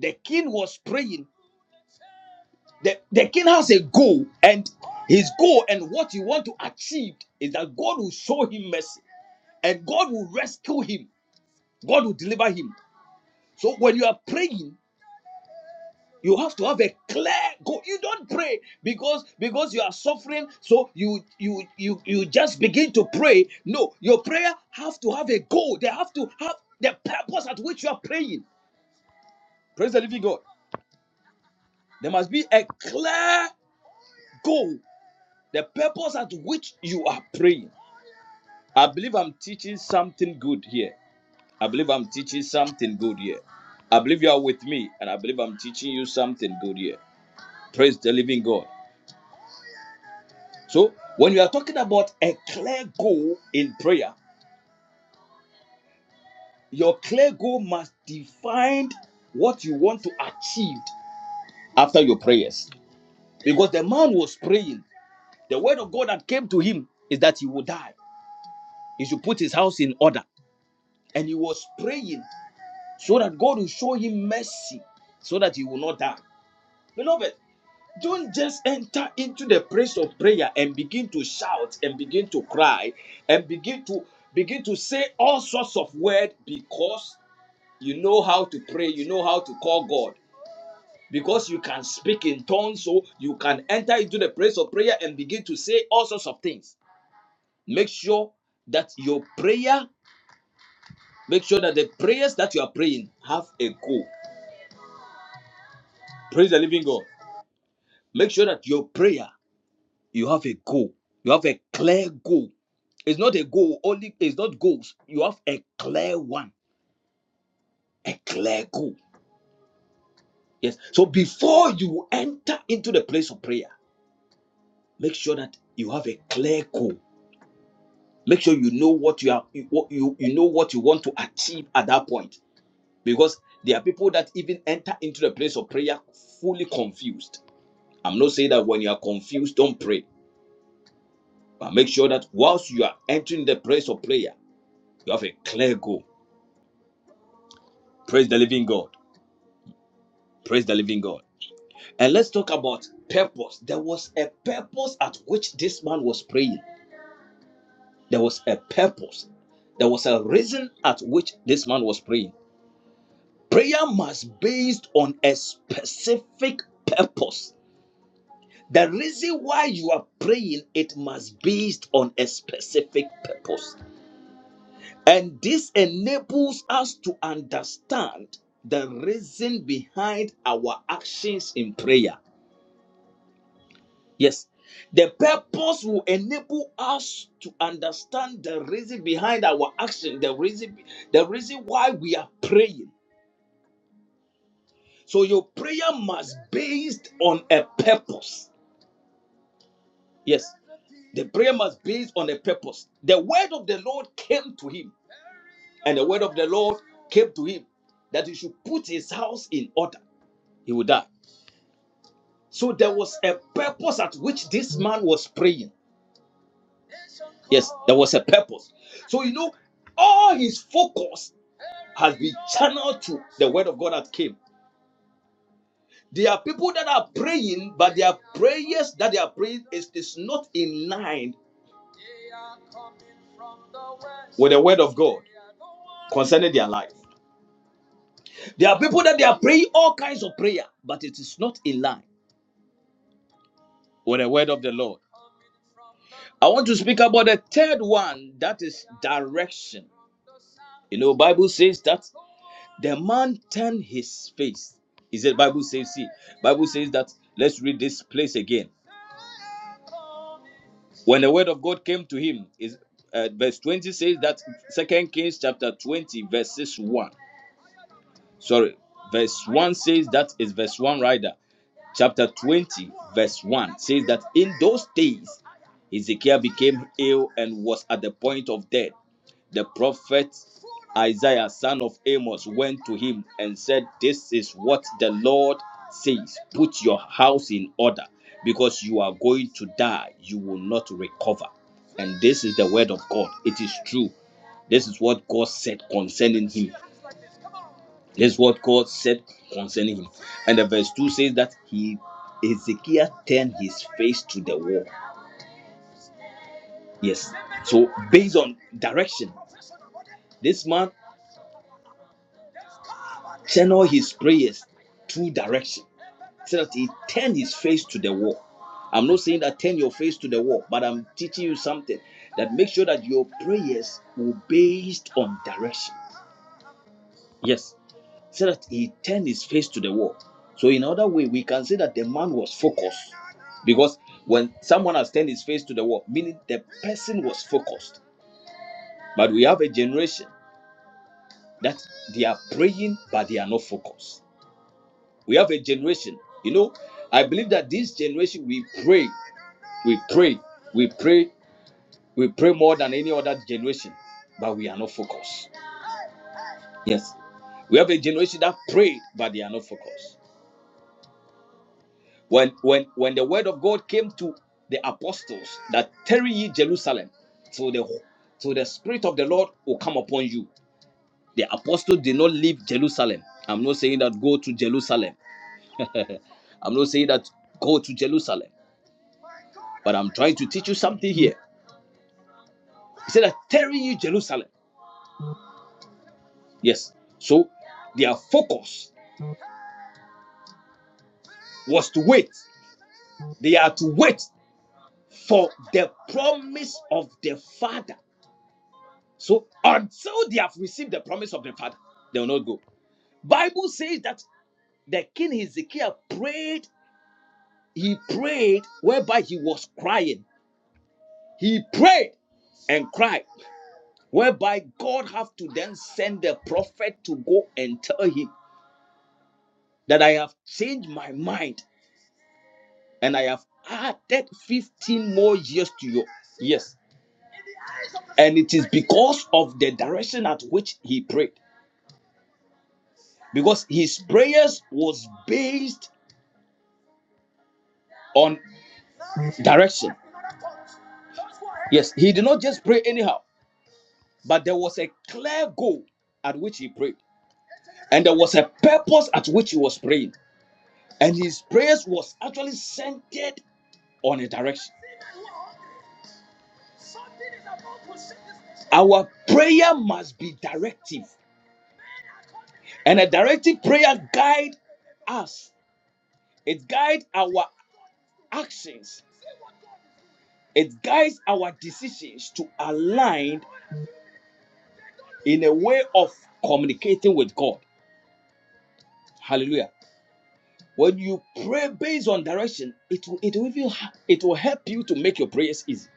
the king was praying The, the king has a goal, and his goal and what he want to achieve is that God will show him mercy and God will rescue him. God will deliver him. So when you are praying, you have to have a clear goal. You don't pray because because you are suffering, so you you you you just begin to pray. No, your prayer have to have a goal. They have to have the purpose at which you are praying. Praise the living God. There must be a clear goal, the purpose at which you are praying. I believe I'm teaching something good here. I believe I'm teaching something good here. I believe you are with me, and I believe I'm teaching you something good here. Praise the living God. So, when you are talking about a clear goal in prayer, your clear goal must define what you want to achieve after your prayers. Because the man was praying, the word of God that came to him is that he would die. He should put his house in order. And he was praying so that God will show him mercy so that he will not die. Beloved, don't just enter into the place of prayer and begin to shout and begin to cry and begin to begin to say all sorts of words because you know how to pray, you know how to call God. Because you can speak in tongues, so you can enter into the place of prayer and begin to say all sorts of things. Make sure that your prayer, make sure that the prayers that you are praying have a goal. Praise the living God. Make sure that your prayer You have a goal. You have a clear goal. It's not a goal only. It's not goals. You have a clear one. A clear goal. Yes. So before you enter into the place of prayer, make sure that you have a clear goal. Make sure you know what you are. You what you, you know what you want to achieve at that point. Because there are people that even enter into the place of prayer fully confused. I'm not saying that when you are confused, don't pray. But make sure that whilst you are entering the place of prayer, you have a clear goal Praise the living God. Praise the living God. And let's talk about purpose. There was a purpose at which this man was praying. There was a purpose. There was a reason at which this man was praying. Prayer must be based on a specific purpose. The reason why you are praying, it must be based on a specific purpose. And this enables us to understand the reason behind our actions in prayer Yes. The purpose will enable us to understand the reason behind our action, the reason the reason why we are praying. So your prayer must based on a purpose. Yes. The prayer must based on a purpose. The word of the Lord came to him, and the word of the Lord came to him that he should put his house in order. He would die. So there was a purpose at which this man was praying. Yes, there was a purpose. So you know, all his focus has been channeled to the word of God that came. There are people that are praying, but their prayers that they are praying is, is not in line with the word of God concerning their life. There are people that they are praying all kinds of prayer, but it is not in line with the word of the Lord. I want to speak about the third one that is direction. You know, Bible says that. The man turned his face. He said, Bible says, see, Bible says that let's read this place again. When the word of God came to him, is uh, verse 20 says that Second Kings chapter 20, verses 1. sorry verse 1 says that is verse 1 right chapter 20 verse 1 says that in those days ezekiel became ill and was at the point of death the prophet isaiah son of amos went to him and said this is what the lord says put your house in order because you are going to die you will not recover and this is the word of god it is true this is what god said concerning him this is what God said concerning him. And the verse 2 says that he Ezekiel turned his face to the wall. Yes. So based on direction, this man channeled his prayers through direction. So that he turned his face to the wall. I'm not saying that turn your face to the wall, but I'm teaching you something that make sure that your prayers will based on direction. Yes. so that he turned his face to the wall. So, in other way, we can say that the man was focused because when someone has turned his face to the wall, meaning the person was focused. But we have a generation that they are praying, but they are not focused. We have a generation, you know, I believe that this generation we pray, we pray, we pray, we pray more than any other generation, but we are not focused. Yes. We have a generation that prayed, but they are not focused. When when when the word of God came to the apostles that tarry ye Jerusalem till the till the spirit of the Lord will come upon you. The apostles did not leave Jerusalem. I'm not saying that go to Jerusalem. I'm not saying that go to Jerusalem. But I'm trying to teach you something here. He said that tarry ye Jerusalem. Yes. So their focus was to wait. They are to wait for the promise of the Father. So until they have received the promise of the Father, they will not go. Bible says that the king Hezekiah prayed, he prayed whereby he was crying. He prayed and cried, whereby God have to then send the prophet to go and tell him that I have changed my mind and I have added 15 more years to your years. And it is because of the direction at which he prayed. Because his prayers was based on. Direction. Yes, he did not just pray anyhow, but there was a clear goal at which he prayed, and there was a purpose at which he was praying, and his prayers was actually centered on a direction. Our prayer must be directive, and a directive prayer guide us. It guides our actions. It guides our decisions to align in a way of communicating with God. Hallelujah. When you pray based on direction, it will it will even ha- it will help you to make your prayers easy.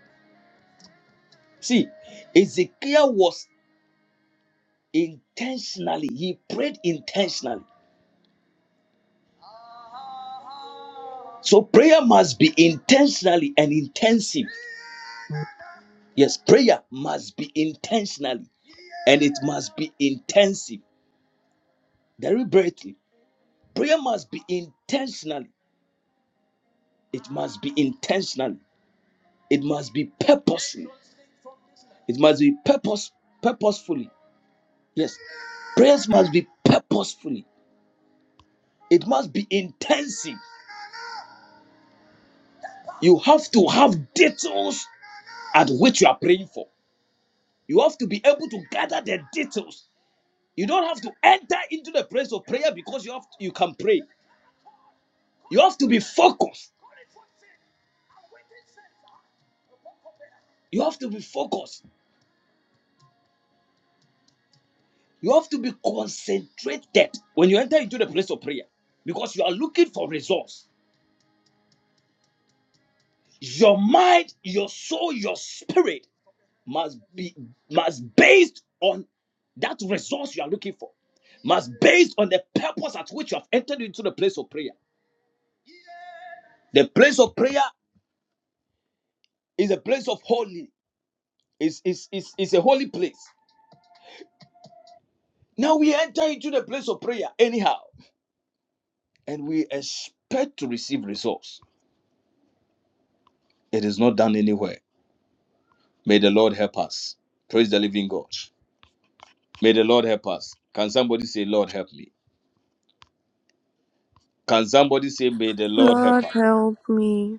See, Ezekiel was intentionally, he prayed intentionally. So prayer must be intentionally and intensive. Yes, prayer must be intentionally and it must be intensive, deliberately. Prayer must be intentionally. It must be intentionally. It must be purposely. It must be purpose, purposefully. Yes. Prayers must be purposefully. It must be intensive. You have to have details at which you are praying for. You have to be able to gather the details. You don't have to enter into the place of prayer because you have to- you can pray. You have to be focused. You have to be focused. You have to be concentrated when you enter into the place of prayer because you are looking for results. Your mind, your soul, your spirit must be must based on that resource you are looking for. Must based on the purpose at which you have entered into the place of prayer. The place of prayer is a place of holy. Is is is is a holy place. Now we enter into the place of prayer anyhow, and we expect to receive resource. It is not done anywhere. May the Lord help us. Praise the living God. May the Lord help us. Can somebody say, Lord help me? Can somebody say, May the Lord help Lord, us? help me.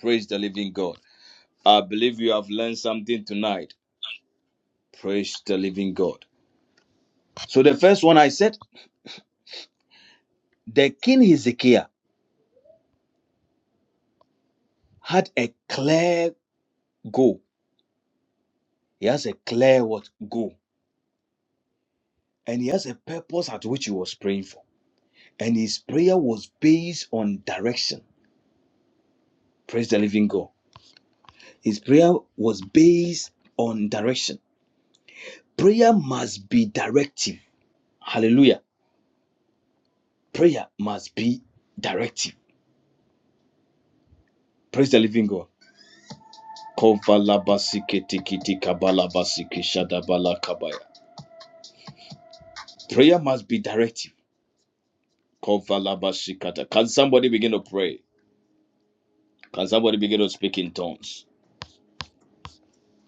Praise the living God. I believe you have learned something tonight. Praise the living God. So, the first one I said, the king Hezekiah had a clear goal. He has a clear what goal. And he has a purpose at which he was praying for. And his prayer was based on direction. Praise the living God. His prayer was based on direction. Prayer must be directive. Hallelujah. Prayer must be directive Praise the living God. Kovalabasikitikitikabalabasiki Prayer must be directive. Kovalabasikata. Can somebody begin to pray? Can somebody begin to speak in tongues?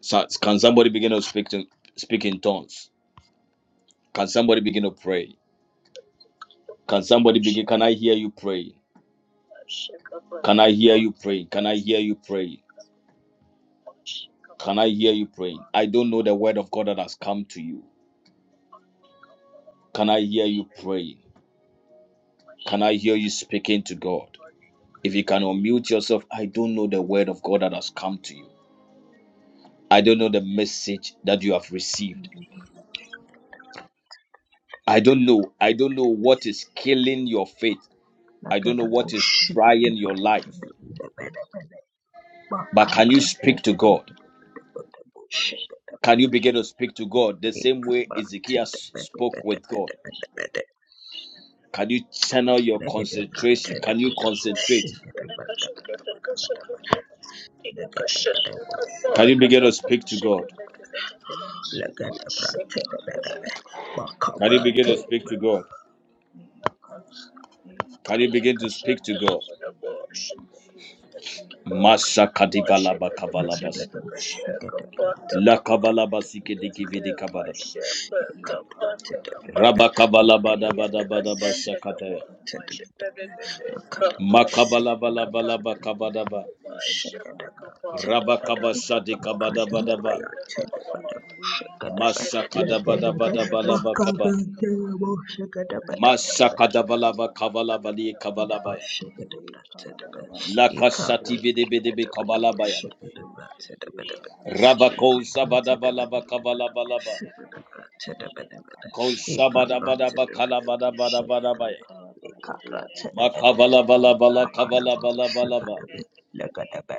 So- Can somebody begin to speak in, speak in tongues? Can somebody begin to pray? Can somebody begin? Can I hear you pray? Can I hear you pray? Can I hear you pray? Can I hear you praying? I don't know the word of God that has come to you. Can I hear you praying? Can I hear you speaking to God? If you can unmute yourself, I don't know the word of God that has come to you. I don't know the message that you have received. I don't know. I don't know what is killing your faith. I don't know Legenda what is trying your life. But can you speak to God? Can you begin to speak to God the same way Ezekiel spoke with God? Can you channel your concentration? Can you concentrate? Can you begin to speak? In the Can you begin to speak to God? Can you Masha Kadala Kabalabasike Dikivi name of Jesus, Shakadaba, Rabba Kabala in Bada the Lakadaba, mighty name of Jesus, Father, direct us, O Lord. Holy Spirit, direct us, Makabalabalaba O Lord. kabadaba. Holy Spirit, direct us. Shadikabada Ekalabarabarabarabara, ekalabarabara, ekalabarabara, maskadabadabadabalaba kaba. Makabra, ekalabarabara, Shakadaba, ekalabarabara, Shakadaba, Masakadabalaba kabalabali ekalabarabara, kabalabaya. May Karabarabara Lakasati Karabarabara bidibidibidi in the kabalabaya. name of Jesus, say Karabarabara. Rabako May sabadabalaba Karabarabara kabalabalaba. Karabarabara Karabara. In the Kosabadabadaba name of Jesus, say kalabadabadabadabaya. Karabarabara. No Karabarabara Makabalabalabala kabalabalabalaba. Karabara.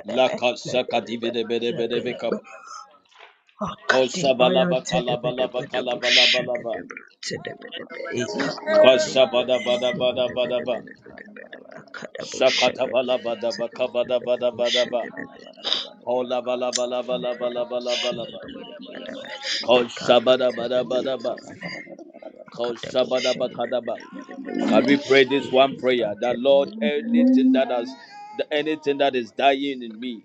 Lakasakadibidibidibidi kaba. Kosabalabalaba ba. lakasakati bede bede bede be kab kosabala Akatibaya bakala bala In bakala the tedebedebedebo bala name of bala ba Jesus, say shagedebredebedebe Karabarabara ekabadebo Kashabada bada Karabara. bada bada bada ba. May shagedebedebedebedebe Karabarabara Karabarabara. akadabo Shakata bala bada ba kabada bada shagedebedebedebo bada May ba. shagedebe Karabarabara Karabarabara. Kola bala bala bala bala akadabo bala bala In the ba. name shagedebedebedebe of Jesus. Kashabada bada In the bada bada ba. ekabadebedebedebe akadabo Kashabada bakada ba. kada ba. shagedebedebedebe name Can of we pray this one prayer that ekabadebedebedebe Lord, shagedebe anything that has, the- anything that is dying in me,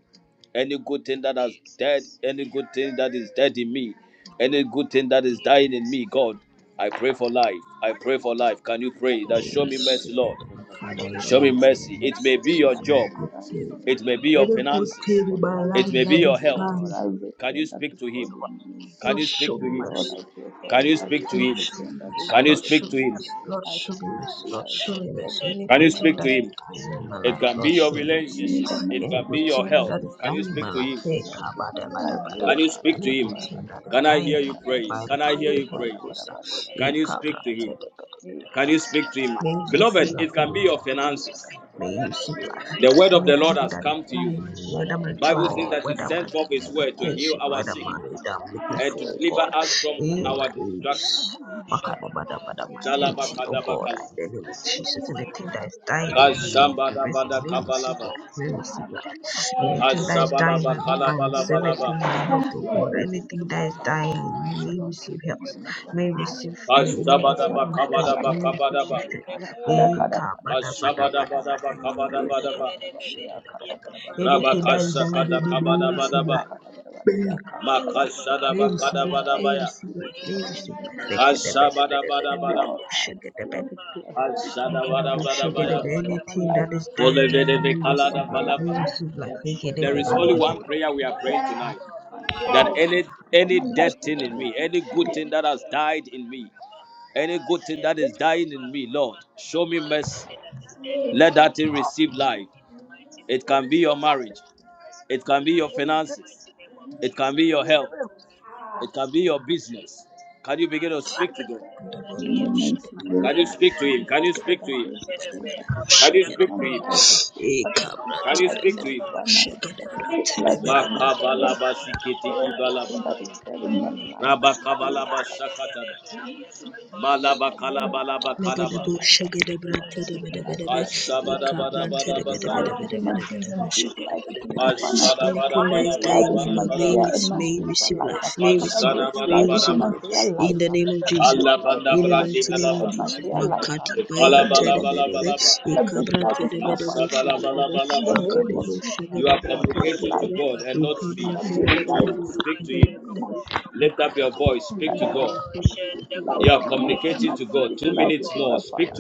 any good thing that has dead, any good thing that is dead in me, any good thing that is dying in me, God, I pray for life. I pray for life. Can you pray that in the show me name of mercy, Father Lord? Jesus, but I in pray the Show for me mighty life mercy. name for of It may be everything your Jesus and on a that job, is good dying day in me. it may be Father and your a Lord, I good finances, pray day in for my life. it life may be that your is health. Lord, done Can you everything that speak is to dead Him? in me. Can Lord, you show speak to me Him? Lord, mercy. I pray for Can you life speak for to Lord, Him? show everything me that is mercy. Can you dead Lord, in show speak to me me. Him? mercy. Lord, I show me speak mercy. Lord, life show me to mercy. Any Can everything good you that thing speak to that is is Him? dying in my It life, can be Lord, your show Let me it be mercy. in relationship, the it Any mighty can be good name your of thing health. that is Can Jesus. you dying in my speak to life, Him? hey, Lord, give me kabada, bada, life. bada, Lord, Can you bada. kala speak any to bala good Him? bala thing bala that ya is Can I dying kala hear in my you bala life bala. pray? by the Can I power hear of the you Holy pray? kala bala Ghost, ah, bala hey, Can you kala speak kabra, to Him? teda, bada, bada, Can bada, you bada. speak to Him? may you receive Beloved, life it in can the be name your of Jesus. finances. May you receive life. The word of the Lord Anything has that is come bala to bala. you. dying, Father, whether my Bible everything says job, that that he is whether my sent dead forth is my his not word to life, heal education, not our whether sick my business, not that I'm looking and to for, finances, God deliver oh us from God. My in my our finances age. destruction. are in my Makada bada bada, my Shalaba Lord, beauty, oh kadaba God, kala. that in the name is of taken Jesus. over my Anything life. that is Father, dying in me may that be is Kashambada taken risen, over bada may receive kabalaba. life, may my receive life. Father, break life. Anything in. that Lord, is dying, breathe Ashabalaba my in. organs, kalabalabalaba. everything, my health, Lord, oh God, breathe in. Lord, breathe in anything into my that is dying finances. in me may Lord, receive breathe in health, into my may finances. receive, may, Lay may kala receive bara new bara strength, kala may bara. receive new Lay strength. kala kala Eh, kala ka kala bada bara ya bada bada kala bada bara. bada bada Lay bada kala bara bara bada ya bada kala bada. bara bara ya Anything kala that is kala dying kala. in me may receive Yeah, Kalabarabara, life. yeah, Kalabaraba. May we Father, receive life. May we Kalabarabara, receive bring it life. to May my we receive fingers, my life. father's son. Lord, I decree and declare that death will not take over my Anything life. that is dying Death in me, cannot we take over receive my life. life. We Death receive will take There is over my only one life. prayer we are praying Death, uh, death that cannot any take over any my dead life in thing the in name me, of any good thing that Jesus. has died in me, any good thing that is dying in me, Lord, show me mercy. Let that thing receive life. It can be your marriage, it can be your finances, it can be your health, it can be your business. Can you begin to In the mighty name can you of speak to him? Can Jesus, you speak to Father, him? everything that is dead in my life, uh, Father, speak life in my finances, Father, speak life into life. my finances, Makabalaba sikitikibalaba. everything that is dead in my life, uh, Kalila, la, Rabakabalaba la, la, la. everything that is dead in my life, malabakalabalaba Father, speak kalaba. Legedebo life, uh, Lord, shegedebranto speak life, debedebedebe Father, speak life. Lord, ikabranto breathe life Kashabadabadabadabakaba. into my debedebedebedebedebo business, breathe life into my shegedebedebedebe. finances, Masada Anything bara that breathe is bara life bara dying into in bara my Lord, may bara. you prayer and rec- my may you spiritual receive life. life, may you Father, receive Masada breathe life, may bara you life bara into receive my life bara. prayer life. in the name of Father, Jesus. breathe Allah life banda In into the my brandi mighty bala spiritual name of and my bara. Jesus, prayer life. Makati In the Bala Bayanta name bala de of bala Jesus, Bedebe, bala bara. Father, breathe life Ikabranta into de my Bedebo fasting Masabala life. bala Shagadebe, bala In the bara. name of Akadebo Jesus, You are Shagabranta Lord, de breathe communicating. life, Bedebe, oh Lord. Father, Ikabranta de breathe life. In the name of Bedebe, Jesus, Father, Akadebo speak Speak Shagabranta to God. life. de Father, speak Bedebe, life into Ikabranta my finances. de Speak life Bedebe, into my father.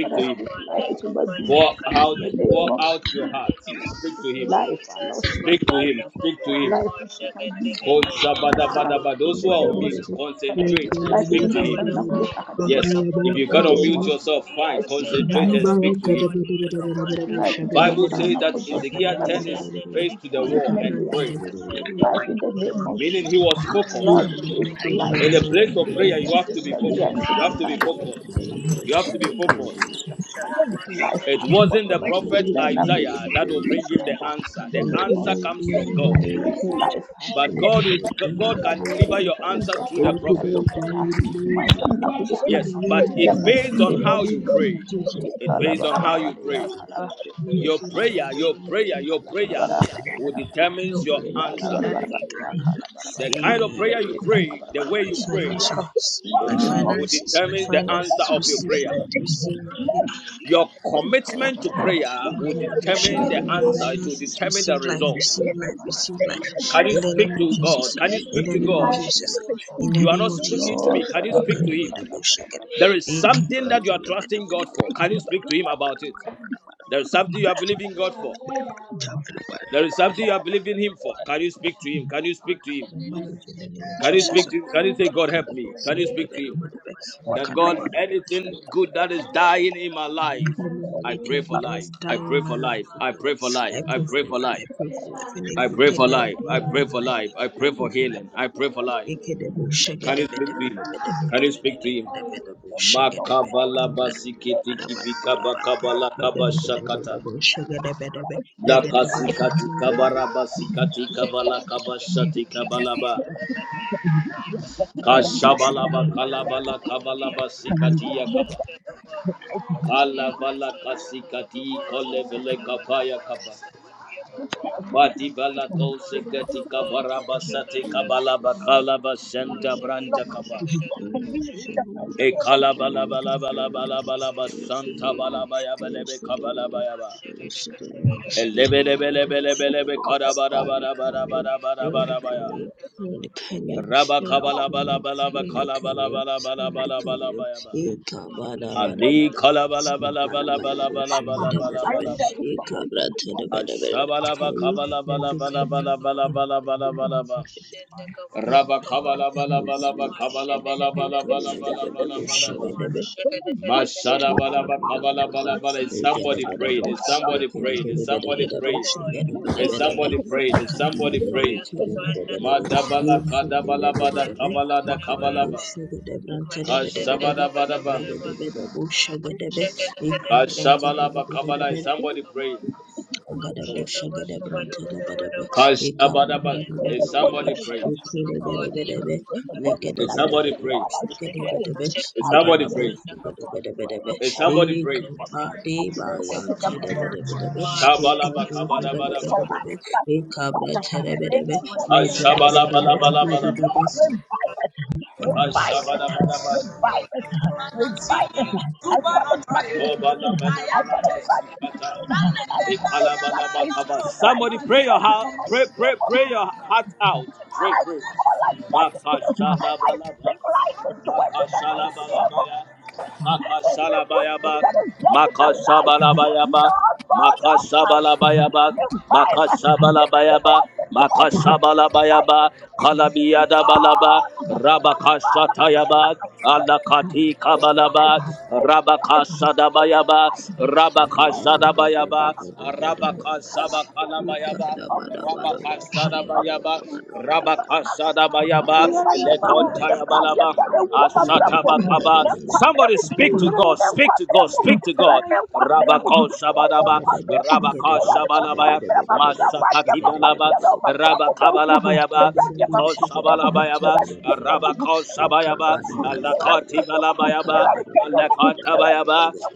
Father, speak life into my business uh, in the name of Jesus. Lord, Speak speak life. uh, Lord, speak life. uh, Speak life into my business, my finances. uh, In those the who are on name of mute. Jesus. Thank Father, Concentrate. speak life into my son, Nakunde's academics. uh, In the name of Jesus. I speak life. uh, I speak life into my son, Akodos academics, uh, his intensive And memory. uh, I speak you. life in the name of meaning Jesus. he uh. was focused. Lord, Anything breathe that is life, down, In uh, the you place of breathe know, prayer, you have intensive to be memory into focused. You my have to be son, focused. Akodos life. uh, You In have the to be name of focused. Jesus, uh. I speak life. uh, It wasn't the Whatever he will prophet learn, uh, may he Isaiah speak that it will to bring his him the mind. uh, answer. In The the name of answer comes Jesus, from God. I speak life. I But God speak would God can smartness, deliver your answer through the intelligent, prophet. look at. God, into my son now to this in life. the Yes, huh? name but In of it the Jesus. mighty based on name how of We you Jesus. remove pray. They Jesus' It call name. based about on how We you they pray. are use call your we they use Your call life prayer, in the your name of prayer, they call your Jesus. they call they prayer Oh are God, my call body, will my determines help, your they answer. anything call that is dying. The kind of Eh, prayer you Yamada, pray, Gada, the about way My you they are pray, call financials, in the my uh, name of will Jesus. finances, my determine the answer finances, of your receive prayer. strength, receive Your They call in commitment to prayer will Makadabo determine the the Shagada, my name of answer. It will Jesus. finances huh? determine receive the life, Yeah, result. receive God, blah, blah, life, blah, receive blah. life Can Yeah, you in the God, blah, name speak of to blah, blah, blah. God? Jesus, Can you In the in speak the to name name of of God? Jesus, Jesus, uh, in the You are name not oh of speaking Jesus. to Lord, me. Can you Father, speak to yeah, Makadabo Him? God, Dabo blah, blah, Shagada, blah, blah. There Uh, is something that speak you Ekabrata are life Dabada trusting Bada into God my for. Bada Bada Can you family. speak to Him Bada about it? Bada Bada Bada Bada There is something you are believing God for. Jesus, Bada Bada Bada Bada Bada. There is something you are believing Him for. Can you speak to Him? Can you speak to Him? My marriage in the name of Can you Jesus. speak to Him? Can you say, God, help me? Makadabo Can you Shagada speak to Bada Him? Bada Bada That Makadabo God, anything Shagada good Bada that is Bada Bada dying in my life, In the name of I anything pray for good that is life. I dying in pray my for life. life, oh I God. pray for oh life. I I pray God. for pray for life. life. I pray for life. pessoal, Any I good pray thing for that is isso life. I dying depois in pray my for de life. life. I pray I mentir, pray for for life. healing. I pray eu for mandei life. Ekedebo, vir Can you shegedebe, speak to debe, use debe, Him? debe, Can you debe, plastic speak debe to Him? for debe, oil. debo, Use shegedebe. oil Makabala to bara make bara basikiti plastic. kibika bara bara bara bara bakabala Lege, debe, debo, kabashakata. debo, shegedebe, debe. Lege, deba, Lakasikati debe, debe. kabara basikati kabala kabashati kabalaba. Lege, debo, Wow, Kashabalaba shegedebe, I do debe, kalabala debe, kabala basikati yakaba. Kalabala kasikati not kolevele kapaya kaba. Bati bala Amen. kosekati Amen. kabara basati kabala debe. bakala Thank basanta Lord, branta to kaba. be in the mighty name of E Jesus, Lord, kalabala bala bala bala bala basanta bala baya bala be kabala baya ba. understand. Elebelebelebelebelebe karabara bara bara bara bara Elebelebelebelebele karabarabarabarabarabarabarabaya. Rabakabalabalabalaba kalabalabalabalabalabalabalabayaba. Ali Thank you. I need a kalabalabalabalabalabalabalabalaba. restoration to God. My God, Ashabalaba kabalabalabalabalabalabalabalabalaba. you. Thank Bakabalabalabalaba Any death in my kabalabalabalaba. life, any good thing that I've Sadabalaba done in my life, kabalabalabala. Is Somebody praying. God, um, Somebody praying. Is Somebody praying. life, bring life into my Praying. spirit. Is Somebody praying. Kadabalabalaba kabala. you. Is Bring Somebody restoration to me. Agadabo shagada brante rebedebe ekabru Shabadaba. kabu Any good rebedebe thing that I've done ekele in my life, bedebedebe any good thing legede that is Somebody my bedebedebe pray. God, I shagada pray, I pray, bedebe makadabo shagada I pray, bedebedebe oh God, Somebody pray. for ekaba my deba fucking situation, the way to the yante mighty name of debedebedebe They've ekabru terebedebedebe ekabra terebedebe been going that. legede Ashabalaba. bedebe legede bedebe Lord, revive us, revive us, Ashabadabadaba. revive us, revive us. I call it back Make it into being. I call it Obalabadabadaba. back into Sikata. being. I call it back. I Ikalabalabakaba. speak life Somebody into pray your us in heart. the mighty Pray, pray, name of pray your heart Jesus. out. Pray, I pray. call life back into us. I Makashadabalaba. speak life into us in the mighty name of Makashalabalabaya. In any the good thing Makasalabayaba, that is dead in my life, Lord Makasabalabayaba, God Almighty, Makasabalabayaba, revive us, Makasabalabayaba, revive us to us, revive us Makasabalabayaba, to us, Kalabiyadabalaba, God, my Father, my Maker, Rabakasatayaba, my Creator, Alakati revive Kabalaba, us, revive us, revive us, Rabakasadabayaba, revive name us, Rabakasadabayaba, Shagabadabadabadabada. Rabakasabakalabayaba. of Ikadabadabadabo, Jesus, in Rabakasadabayaba, the name of Jesus, shagadabadabadabada. Rabakasadabayaba, Akali Abadabo, Yalabaraba, Lekontayabalaba. shagadabadabadabada. Asatabakaba. Lagadabadabadabada. Somebody speak Thank you. to Eradicate your eradicate your eradicate your Akadabo, God, speak to God, I speak speak to God. life, Lord. Rabako I Shabadaba, Rabaka Shabalabaya, shagadabadabadabadabadabo, Masakatibalaba, shagadabadabadabada. Rabakabalabayaba, Legedebo Iko shagada branta Shabalabayaba, legedebo Rabako ika Shabayaba, bada bada bada ba a ika da Alakatibalaba, I'm bada bada bada bada ba Alakatabayaba, legedebo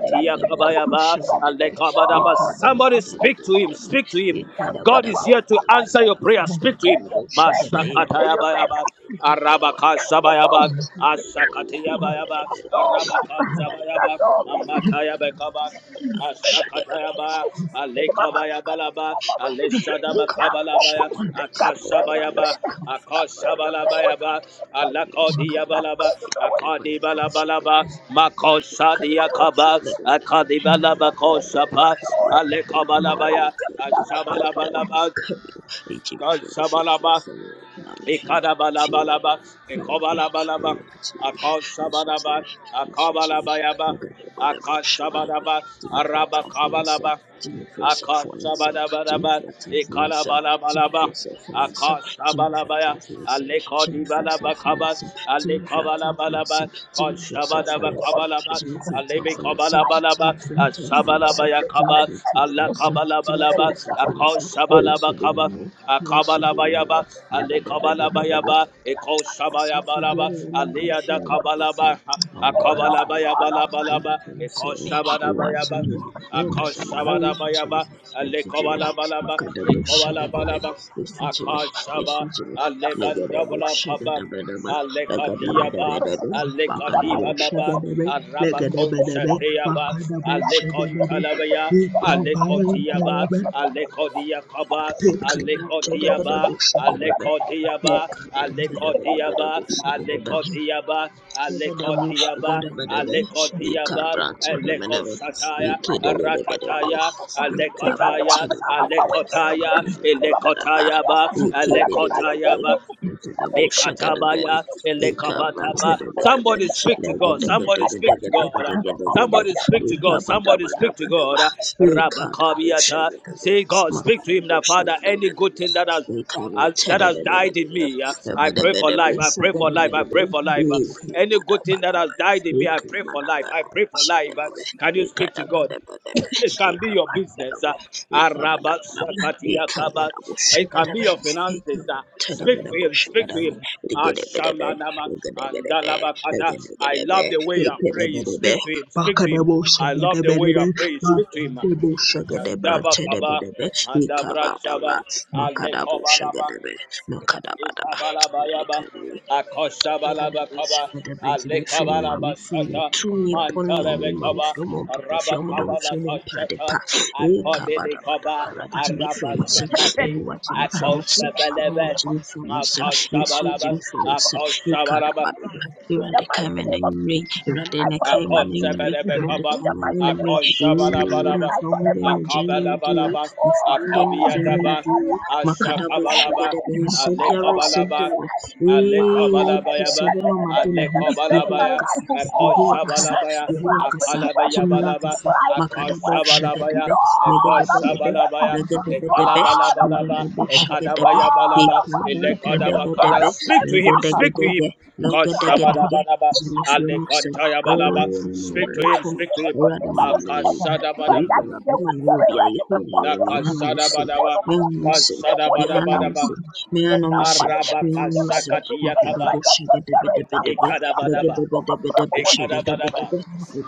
legedebo legedebo shagada be Alekabadaba. ika branta Somebody da speak bada to your bada him, ba speak to him. and ika da God bada is bada here to bada bada answer your bada prayer. Speak ika to him. bada your bread shagada e and ya your da bada bada Masakatayabayaba. makeup. bada bada they are Arabaka in the Lord Sabayaba, Jesus knowing who are with the Asakatayabayaba, bada That's ba all. Arabaka ika bada Sabayaba, bada knowing who Amatayabekaba, are with the bada ba shagada ba Asakatayaba, Alekabayabalaba, knowing what Alessadabakabalabaya, Akasabayaba, is Akasabalabayaba, Alakodiyabalaba, not going to do Akadibalabalaba, it. coming? Makosadiakaba, Make Akadibalabakoshapa, Alekabalabaya, Asabalabalaba, Kasabalaba, Ekadabalabalaba, ekobalabalaba, akasabalaba, akabalabayaba, akasabalaba, arabakabalaba, Jimmy, if you're Akashabadabaraba, Ikalabalabalaba, Akashabalabaya, Alekodibalabakaba, Alekobalabalaba, That's self-financing, all. Koshabadabakabalaba, Jimmy Fred's not fun himself. Alebekobalabalaba, Jimmy Fred's not fun himself. Jimmy Ashabalabayakaba, Fred's not fun himself. Jimmy Alakabalabalaba, Fred's not fun himself. What is she Akoshabalabakaba, doing more? Who is she doing more? Akabalabayaba, We did a better, Make better, it a Alekabalabayaba, said, forget Ekoshabayabalaba, it, woman. I'm feeling Papa Feet. Aliyadakabalaba, I'm the one poor. And they Akabalabayabalabalaba, can say, you watching Ekoshabadabayaba, you. One person, why are you Akashabada switching me? bayaba, Akashabadabayaba, You switching me. Alekobalabalaba, Makadabo shagadebe. Ekobalabalaba, You switching me. You Akashaba, switching me. Legadabo Alebandabala Kabam, shagadebe debe. Legadebe debe Alekadiaba, debe. Makadabo Alekadivalaba, shagadebe. Legadebe debe. Arabakonshateaba, Makadabo shagadebe. Alekontalabaya, You call by and Alekotiaba, say, Alekodia Kaba, take a back Aleko to the Diaba, bush, the Aleko Diaba, Aleko Thank you. Diaba, Badabo Shagadaba. Aleko Diaba, Regede Aleko cup, make it bush, a cup, Diaba, regede bede be, Aleko ika Diaba, branche de bede Aleko be, Sataya, iki In de bede bede be, Ratataya, ika branche Alekotaya, de bede be, Alekotaya, makede bede bede be, Elekotayaba, iki bede bede be, Alekotayaba, makede bush, regede be, Ekatabaya, ika branche elekabataba. de bede be, Somebody speak to God. regede gede Somebody gede speak to gede God. gede gede gede, Somebody speak to ika God. bada Somebody bada speak to bada God. ba, ika de bush, Rabakabiata. regede be, Say, God, speak to makede him that bush, Father, regede any bede good be, thing that has ika uh, branche that de has bede died bede in be, me. uh, I bede pray for bede life. I bush, pray for regede life. I bede be, pray for life. Uh, Makadabo Any good thing that has died in me, I pray for life. I pray for life. Uh, Can you speak to God? it can be your business. Uh, Araba sakati yakaba. it can be your finances. Uh, I'm speak to him, speak to him. not Ashamanama andalabakata. I love the way you are praying. Speak to him, speak to him. a man. I love the way you are praying. Speak Rekina to him. kapande da hasi. Andaba kaba, Makani rekina andabra kapande da shaba, hasi. Rekina kapande shagadebe, da hasi. Ikabalabayaba, makadabadaba, Mehende rekina kapande Legedebe, da Akoshabalabakaba, hasi. shegedebe, Rekina kapande da hasi. Makabande da hasi. Mehende kapande da kapande da hasi. Mehende kapande da kapande jime da hasi. fi mammy, mami fi mi, Alekabalabashata, tu mi, poni omi, mami fi Mantalebekaba, omo, Mammy, Fiomo, papa fi omo, dom fi omo, pa de pa. Rabakabalakashata, Ee, ka ba da ba da ba Akobidikaba, ra di jime fi omo se, Arabasakati, Yehowa jime fi omo se, the mighty Yehowa Akoshabalebe, name of jime fi omo se, Yesu Akoshabalaba, jime fi omo se, God. Ee, ka da ba Akoshabalaba, da ba. In the Erade ka mighty ime na name of ime, Jesus, erade I ne call ka Mahande it ime back na into ime, being. erade ka In Akosebedebekaba, the ime na mighty ime. name of Jesus, rekina Ee, ma kapande Akoshabarabaraba, I fa call it hunde no back into jenye mi di being. o, da Akabalabalaba, hasi. ma fa Oh hunde no Lord, jenye mi Akabiataba, di o, arise, arise, makadabo arise, Ashakabalaba, shagadabe, sebiara, arise. Alekobalaba, Yea, And that that Alekobalabayaba, that Pesere that Mama that thing Demehu, that is dead in Yehua my Alekobalabaya, life, Kasa, oh Yehua God, Kasa, Akoshabalabaya, make Yehua life Kasa, into work, Tumira Akalabayabalaba, make Kasa, life into Makadabo work. Shagadebe, Akoshabalabaya, Lord, I'm Megadebedebe, here. Akoshabalabaya, Legadebedebe, God of Ekalabalabalaba, Megadabo Shagadebe, God Ekadabayabalaba, Hipaba of God Elekadabakada. Kadabodebe, of Speak to him, speak to Legadegedege, him. Abraham life. Legadegedege, Kashabadabanaba, Jimmy Jesus, Fiumasan, Oh, Alekantayabalaba. His Speak to him, life Repon, is speak in to the him. good things that Radamama is better. Lenin. But Makasadabadab, that Ibibera they bema will na carry wobi a right yehu before ne them. ne ano The musim, word Nakasadabadaba, of ne God, ano the word of the Kasadabadabadaba, musim, ne When ano now musim, one of the the right Yannis of the prayer, Arabakasakatiyakaba, Makadabo right of the prayer is now Shagadabedebedebe, one of the Ikadabadaba, from a brother Legedebedebedebe of Jesus Christ. Ikadabadaba, Shagadabedebe,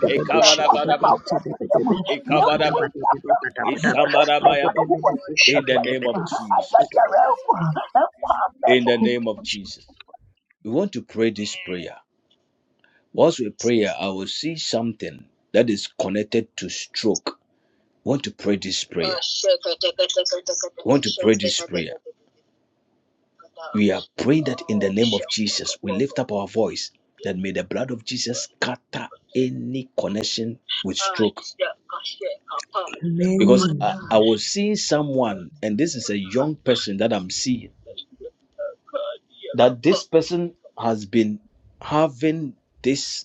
This is the man one of Ikabadabadaba, our word is them. Shagadabedebe, You have to Ikabadaba, wait up them. And keep Makadabadabadabadabadaba, on Ishambadabayaba. who was Legedebedebe In Jesus the Christ. name I of Shagadabedebe, said, Jesus. the Legedebe. realm and one of In the name of them. Jesus. We want to pray this prayer. Once we pray, I will see something that is connected to stroke. Want to pray this prayer? Want to pray this prayer? We are praying that in the name of Jesus, we lift up our voice that may the blood of Jesus scatter any connection with stroke. Because Amen. I, I was seeing someone, and this is a young person that I'm seeing, that this person has been having this,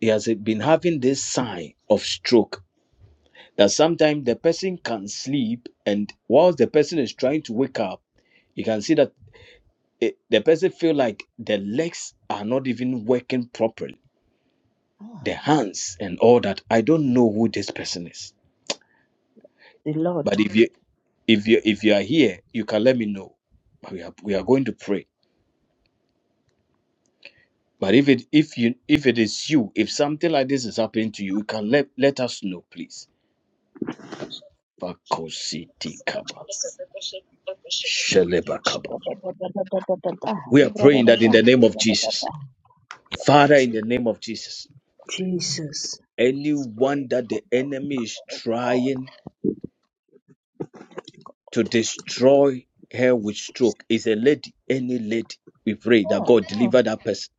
he has been having this sign of stroke. that sometimes the person can sleep and whilst the person is trying to wake up you can see that it, the person feel like the legs are not even working properly the hands and all that i don't know who this person is but if you if you if you are here you can let me know we are we are going to pray but if it if you if it is you if something like this is happening to you you can let let us know please Bakositi kaba, sheleba kaba. Continually We are praying that in the name of Jesus, Father, in the name of Jesus, Jesus. anyone praying that for the enemy is the God. trying to destroy her with stroke is a lady, any lady. We pray that Oh, God oh. deliver that person.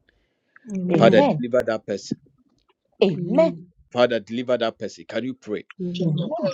Father, Amen. Amen. deliver that person. Amen. Amen. Father, deliver that person. Can you pray? Amen. Amen.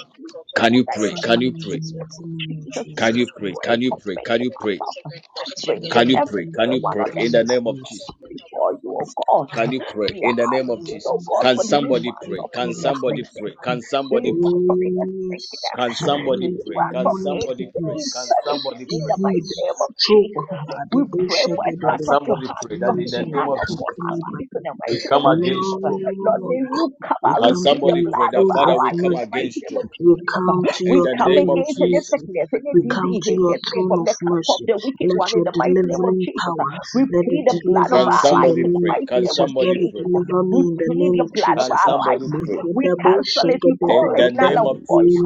Can you Father, in pray? the Father, Can mighty you in the pray? name mighty of name of Jesus, we Can Jesus you pray? Christ, O pray Can you for God, pray? Can mental you pray? Can ourselves bringing oh, you we pray? come Can to you the everyone pray? on the In throne the of platform name of Jesus. mercy. before you, oh God. Can you pray We are in the name Father, of I asking, oh Jesus? God, Can for somebody come to deliverance pray? the of Can throne any of somebody mercy. sickness, pray? Can somebody pray? deliverance from any any sickness. Can stre- somebody any pray? deliverance Can from demonic any somebody pray? Can sickness, infirmity somebody in pray? the disease, mighty name of stroke, Jesus. uh, the We pray bullshit, for a the, the, Can touch of your somebody hand, pray your that in the anything healing name hand of attack upon Jesus our lives in anybody. the we mighty come name of against Jesus. stroke? Lord, may Lord, you come we and we Can come plead to the somebody your pray blood of that throne our Father of we lives come in the mercy. mighty against name of stroke We Jesus. come to We in your the come throne name of of against any Jesus? mercy. sickness, any We come disease, to your anything throne from of the cup of mercy. the wicked Let one in your the mighty name of delivering Jesus. power, We let it plead the blood of Can deliver our us in the lives somebody in the name of pray? mighty Can name of Jesus. Let somebody it pray? Jesus. deliver me We in the plead name the of blood of Can Jesus. our lives. somebody pray We We match cancel it. We call in it the name null and of Y- void. Jesus?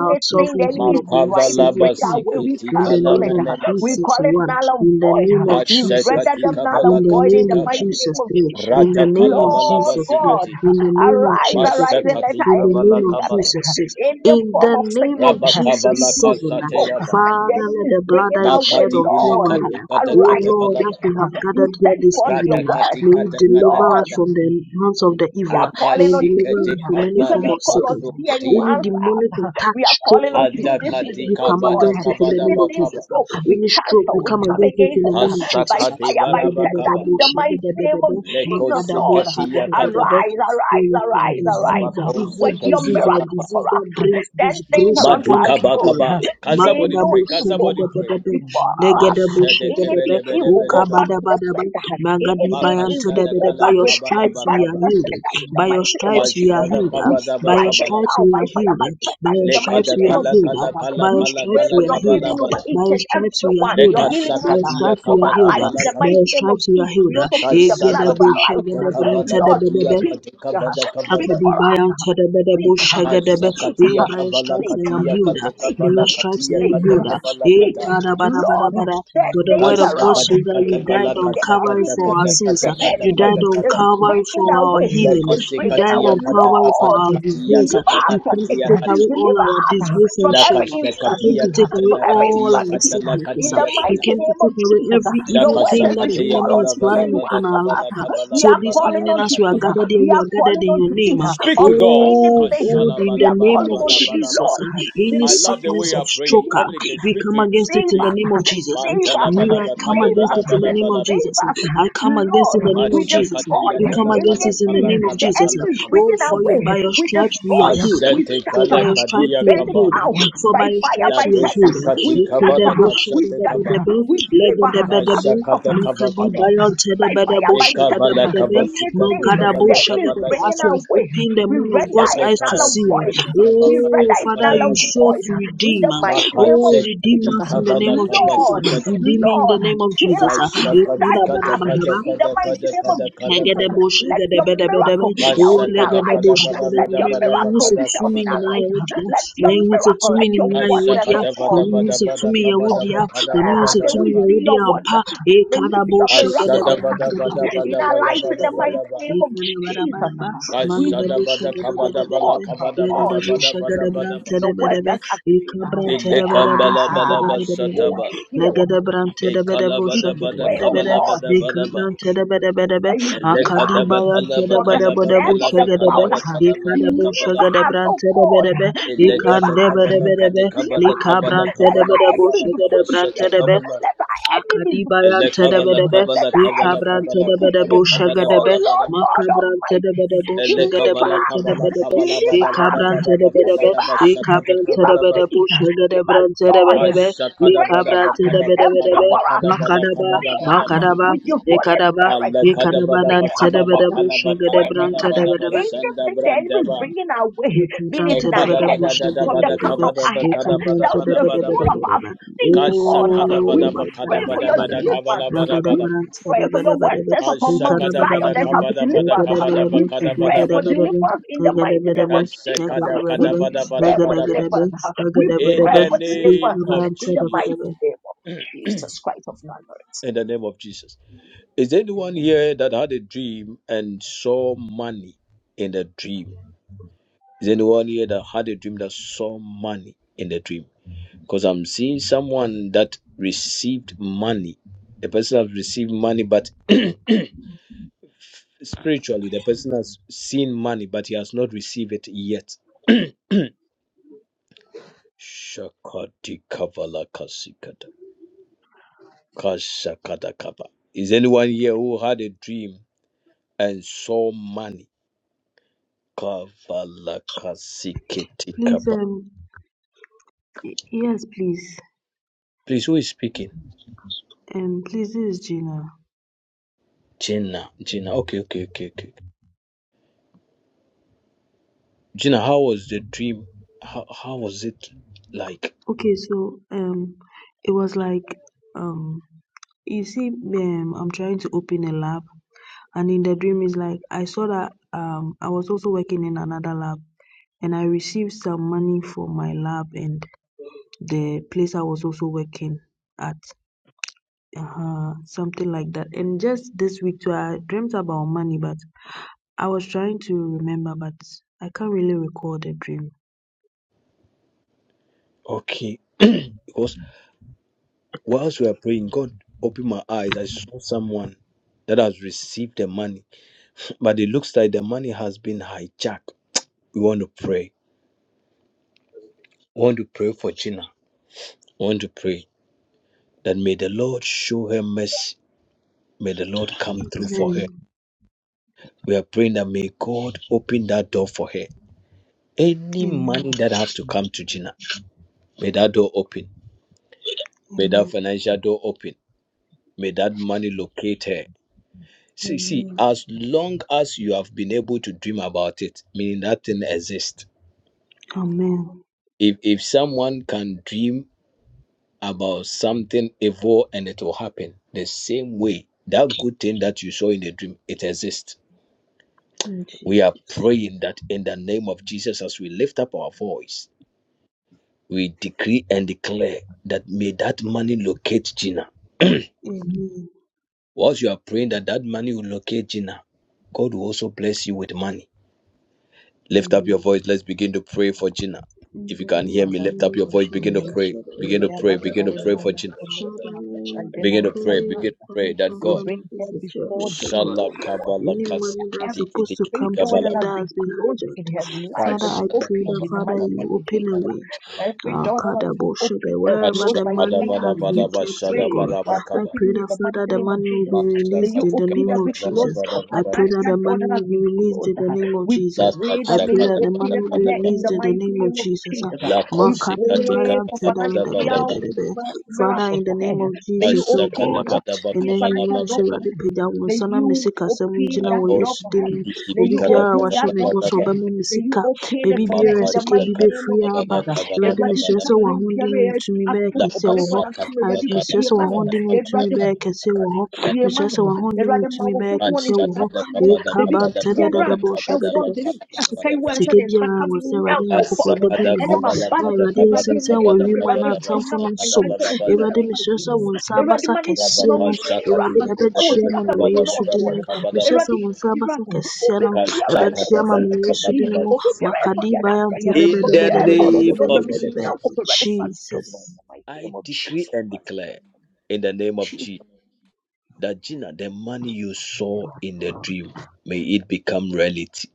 our y the sovereignty considero enemy your is blood trying to saving bring our way, cancer. we In the cancel name it. of uh, We Makavalabasikitikalamenemasa. Jesus, call it one. null and In the void. name uh, of We Jesus, render Mashekati two. them null In kavala and the void kati in name the of kava. mighty name Jesus, of three. Jesus. In the Rata name of kalavala Lord Jesus, four. God, basikati. In the uh, name of arise, Jesus, arise, and five. let Mashekati our In the enemy kavala name be of scattered. kavala. Jesus, uh, six. Any In form the of name of sickness, Rabba uh, Jesus, kavala disease, seven. kasate smoke, yava. uh, que yo the Father, enemy let is the blood bringing that you our way. shed Makadi on vile Lord, Calvary. kati uh, uh, kata O arise, kata Lord, as palava. speak. we uh, have You gathered here send this forth your Rata evening, uh, word. kati may uh, you kata kata deliver us Lord, kata. from the hands of the we evil. are May calling you unto deliver thee. Akashikete us uh, from any You said we form kavala of should call sickness. unto thee, and you kosukatia. Any demonic attack, we are stroke calling on attack, thee Ada this entiendo que kati evening, we oh come tengo God. kabada against it in the kabada name que of Anything bakaba. tratar Jesus. spoke, we Any stroke, cancel, we we come come against it in against the it uh, name of by Jesus. Kasakati fire, by tender, barabakaba. in the mighty name of Leko Jesus, Lord. seketi yakapa. Arise, arise, Spirit and con arise, el arise. disease, uh, uh, Rabako contar evil Work your seketi disease, a miracle yakapa. for disease us. that brings Turn things disgrace y around for upon our good. people. Madikabakaba. Can May somebody no Makadabo pray? Can evil somebody pray? shagadagadaba, before no negadabo Mashada shagadabe, Anything kebede bede evil, go bede ba. back to the sender. Anything evil, Mashadekebedebedebedeba. go By kala back, your kabala return stripes back we to are bakaba. the healed. sender in como the By your mighty name of stripes we are Jesus. healed. We uh, Mashadakabada By your strike it bakabala. stripes down we by are fire, healed. by uh, By thunder your in the mighty stripes we name are of Lekadakala healed. Jesus. uh, kala By kala kala We your kala pray stripes kala for we are your healed. kabala healing uh, over bala. By each your and stripes we are everyone, healed. your uh, healing By hand your uh, Lekasakatiya stripes we over are our healed. lives uh, in kabakabala the By kaba. mighty your name of stripes we are Jesus. We healed. uh, also plead the blood of Egedebo our Kasakati lives. uh. shegedebe katakavala Lord, katiya ntedebedebe, speak, uh, katakavada speak kavada. for us. Hakadibayan uh. Tadabedabo Speak, uh, Shagadebe, speak, yea, Kasakatiya uh, by your kavala stripes speak, I am uh, katiya healed, by speak, make your katakavala uh, him our stripes katiya I speak am healed, katakavala yea, speak, kata. Kadabada bada. Lord, Bada. that For the things word of God King. around, Kasakati says that you kata died kala anything on the the Calvary kasakata for our kata enemy, sins, the kata y kata you died kata enemy on is kata Calvary for bringing our away, healing, is lekosi you bringing died katia away, on kata Calvary for kabala Lord, our katia disgrace, deliver kata us la you from came to it, katia take kata away all deliver our us disgrace from and la every shame, you came kasakatia infirmity, to take kata away from la every all katia our infirmity, kata la sicknesses, in the katia you kata mighty came to name of take away Jesus. every la Your evil word thing says that we the should kasakatia call enemy bala is unto thee, bala and planning you bala upon are. our kabala life. kabala We So are this kabala calling evening, on as to kabala we are thee, kabala gathered ba. here, we we are are gathered calling in on to your name. thee ah. Speak of to God. Oh anything, God, Kashala in we the bala are name bala calling of on bala to thee, bala ba. Jesus, Lord, ah, any I deliver love the way sickness you are of us, stroke, Deliver. praying. ah, Communicate. we Speak come to Him. against it Speak Save to in Him. the name us. of Jesus. ah. Save Mantala us. We are balaba no come Save against us. kadebala it in the tratar name of balaba Save Jesus. ah. us. tratar I come against Lord, it Thank in no the you, no Jesus. name we of Thank Jesus. y ah. Mashakate no destroy We come como dala que against kala yo it in the kala tengo anything name of the kala Jesus. enemy ah. kala is kala. Oh, bringing no our for you no way. by your We tratar con stripes we are que destroy. healed. ah. We tratar Ashate For by scatter. kala your We stripes kadia we are burn it y kaba. healed. no ah. down de For by by your verdad fire, La stripes by we are desi thunder. healed. kati We desikati kavala scatter. We kashate kaba. no scatter. ah We deliver legedebedebe Kasha ourselves Kashakate kaba mikadi from kaba. bayon by fire, tedebedebo by thunder, Ekavala shagedebedebe kaba anything sikati magadabo the kavala enemy is kavala shagedebe as bringing kaba. you our have way, opened the we man of render God's Ele it eyes to null kaba and see void. sikati eh. kaba We oh kade render it kaba father de null you and kaba. show void. to In redeem the mighty eh. name of oh redeem Makashekati Jesus, us in the kavala name of kaba Jesus eh. Lord, sikata. redeem me in the Lord, name of heal Jesus us, Kasha kadi touch kada us. entiendo you, Ekadabadabadaba, kada In the Jesus. kada mighty kada Thank you, Jesus. Thank you, name of kada kada Jesus, kada. Egedebush, let your gedebedebedebe, miracle be Jesus. felt Kasha in wole our Kashakata lives. kada gedebush, bada gede Let bada your yume, bada bada miracle mayawuse be kada felt tumi in kada our nyina vada. lives. yawodia, Let your mayawuse miracle, tumi let your nyina Kabala kabala wonders, yawodia, oh kabala God mamihuse kabala kabala tumi out. yawodia, kabala Ah, a May tumi we que see your yawodia, yo mpa, wonders. May we see your ekadabush, miraculous gedebedebe, hand no in our gedebedebush, lives in the gedebe, mighty name of Jesus. ekadabarabaraba, no We mangedebush, sought gedebedebedebe, God. legedebush, como Your word gedebrantedebedebe, just as it is. ekabrantedebedebusha, Ah, on should como go gedebedebedebe, and heal. We legedebrantedebedebusha, y pray, no oh gedebedebede, God, kabala ekabrantedebedebedebe, that you deliver us Akadima from the Yantadabadabadabu snares of the Shagadebe, fowler. Ikadabu Deliver us, kabala oh God. Shagadebrantadabedebe, Deliver us. Ikandebedebedebe, Deliver us. Let our Likabrantadabadabu enemies be put to shame. Shagadabrantabe, kabala Let our enemies be put to Elle Akadibarante de shame. kabala bedebe, Let kabala our kabala enemies be Mikabrante kabala put de to bedebo kabala shame. kabala Oh shagadebe, bada Lord bada ba. God Makabrante de Almighty, bedebo Elle deliver kabala us. shagadebrante de kabala bedebe, kabala Deliver bada us. bada Ikabrante bada de ba bedebe, kabada Deliver ba us. shakata Give Ikabrante de us kabada ba. bedebo peace. Give us joy. Kashakada bada Strengthen us. ba kada ba kada ba Empower us. kada bada Makadaba, como kabada que no bada Fill ba. us no no Makadaba, with your Holy Ekadaba, Spirit. Allah kada Ikadaba bada ba Fill nante us, de kada ba Father. bedebo kada ba kada Strengthen bada shagadebrante us. bada Let ba the power sanda Anything the of the enemy branda is ba. bringing our way, Please, um, be it E no no in our kada da head, da y- da da from the bada no crown of kabada our ba head kada bada down to bada the bada sole ba. of our feet, God. Kashakada We bada ba kada pray for bada your bada deliverance. kabala bada We bada. pray for your word says upon Mount Kashakada Zion vada that shall be kavada vada deliverance. kavada We vakada pray vada for vada va. deliverance in the mighty name of Jesus. Kashakada We kada vada pray vada for vada vada. deliverance. We In pray the for name deliverance of in the Jesus. mighty name of Holy Jesus Christ of Nazareth. In the name of Jesus. Is there anyone Amen. here that had a dream and saw money in the dream? Is there anyone here that had a dream that saw money in the dream? Because I'm seeing someone that received money. The person has received money, but *clears throat* spiritually, the person has seen money, but he has not received it yet. *clears throat* Shakati Kavala Kasikata. Kasakata Kapa. Is anyone here who had a dream and saw money? Kavala Kasikiti Kapa. yes, please, Please, who is speaking? um, please, this is Gina. Gina. Gina. Okay, okay, okay, okay. Gina, how was the dream? How, how was it like? Okay, so um, it was like um. you see um i'm trying to open a lab and in the dream it's like i saw that um i was also working in another lab and i received some money for my lab and the place i was also working at uh something like that and just this week too i dreamt about money but i was trying to remember but i can't really recall the dream Okay. Because whilst we were praying, God opened my eyes. I saw someone that has received the money, but it looks like the money has been hijacked. We want to pray. We want to pray for Gina. We want to pray that may the Lord show her mercy. May the Lord come through for amen her. We are praying that may God open that door for her. Any amen money that has to come to Gina, may that door open. May that amen financial door open. May that money locate her. See, see, amen as long as you have been able to dream about it, meaning that thing exists. amen If if someone can dream about something evil and it will happen. The same way, that good thing that you saw in the dream, it exists. in We are jesus praying that in the name of Jesus, as we lift up our voice, we decree and declare that may that money locate Gina. amen Whilst you are praying that that money will locate Gina, God will also bless you with money. Lift up your amen voice. Let's begin to pray for Gina. In If you the can hear me, mighty Father, lift we up name your of voice. Begin to continue Jesus, to pray. Lord, I will Begin pray to pray. about shout the Begin to very pray for moment Gina. committing Father, our sister Lord, I Jenna Begin to into pray thy pray. Begin hands. you to pray commit that my We God. Spirit bring family her visit increase your before house, oh thee, God. Shala O Lord. kabala Any kasi money that's kiti Every kiti supposed to kiti come to door that kabala me has ba. that been has been closed in her hijacked, life Father, is I Ashada pray opened that, kabala in the Father, mighty kabala you name of open Jesus. a kabala way. kabala. Every Ah, door that has been opened Kadaboshibe, and wherever closed Ashada the by the bada money has bada enemy, been you bada kept, oh shada pray God, bada for bada an I kabala. opening pray in that the mighty Father, the name of money will Jesus. be Masha May you released in the katika open name of bada every bada closed Jesus. door, bada I bada pray bada. that financial the door money that has will be been released closed. in the ah. name of We La Jesus. pray I that kasha may pray you kada that the open money bada it will for be bada her bada. in released the in the mighty name of name of Jesus. Ah, Jesus. ah. La We in kosi katika pray Makadibaya for bada bada bada financial bada. tedebedebedebe. Father, miracles in for the her. name of May you Jesus, oh Kasha open, kada God, ah, bada bada in open any kabala financial bada mercy, door for kabala. her. Radi Peja, May Wansana you me. Mesika, open Semujina, that door Makosi for her. The might Wayesudim, kiti of Jesus May kiti you kada Obibia, open Christ. The that kabala Washemi door bada for might Bosso, bada. her. of Obama May you Mesika, open Jesus Christ. The it Baby for might her Beer, in the Sike, Makasha mighty Bibe name of Free, of katika bada Jesus. kabala Eradi Everybody kabala pick Mistress up bada. or my Hundinu Jesus Christ. dear to Me at mesrɛ La football sɛ w'ahode ne wo tumi bɛyɛ kɛseɛ for wɔ hɔ. an Pasaka team Ae- Everybody, Mesrɛ Divakada sɛ be a man. Kavada w'ahode ne wo Kavada tumi everybody bɛyɛ kɛseɛ Kavada wɔ hɔ. Kadi be a Kavada biara ma Mesrɛ sɛ no w'ahode ne wo awurade ma tumi man? bɛyɛ foforɔ ne kɛseɛ wɔ sika hɔ. Ashakada sa ho Kavada dabi Kavada biara Kavada ɛwɔ Kavada Ekabantadadadabɔhyɛgadada. no dabi Bakada bia sika Kavada yi wɔ a ɛsɛ Sika ne nsa biara ka wɔ me sɛ Awurade nyankopɔn Nyankopɔn a bɛdi Ashakada me na ne hɔ Kavala maba na no Kada de Awurade awurade Kavada ani ɛnsian wɔ adom na Kavada The might wiem a of Jesus awurade Christ. Kavada dom n'atamfo na ma no ne Bashakada nso nsa me. nka Bada wɔ Bada din ka Awurade so mesrɛ bi sɛ no wo nsa awurade abasa ma ne Rabba ma kɛseɛ wo no Kashaka nhyira Awurade Divada ɛwɔ ɛbɛkyerɛ sika ma sa me mu wɔ Kavada Yesu nnɔɔso din wɔ Bada mu. ne so Kavada Mesrɛ sɛ awurade wo nsa hyira abasa no kɛseɛ obi no biara ɛsɛ ɛbɛkyerɛ ɔma Kashakada ma ne Bala me wɔ sika Yesu bi din Kavada Ba mu. obi biara ɛsɛ ɔdeɛ Makadiba no yanta abraya In obi the biara ɛsɛ name ɔdom no of me dɛbɛdɛbɛdɛbɛdɛbɛdɛbɛdɛbɛ. Jesus, In nyankopɔn In awurade fa dom Jesus. no in Jesus. the mighty I name of decree jesus and christ declare in the name of Jesus. jesus Amen. that Gina, the money you saw in the dream, may it become reality.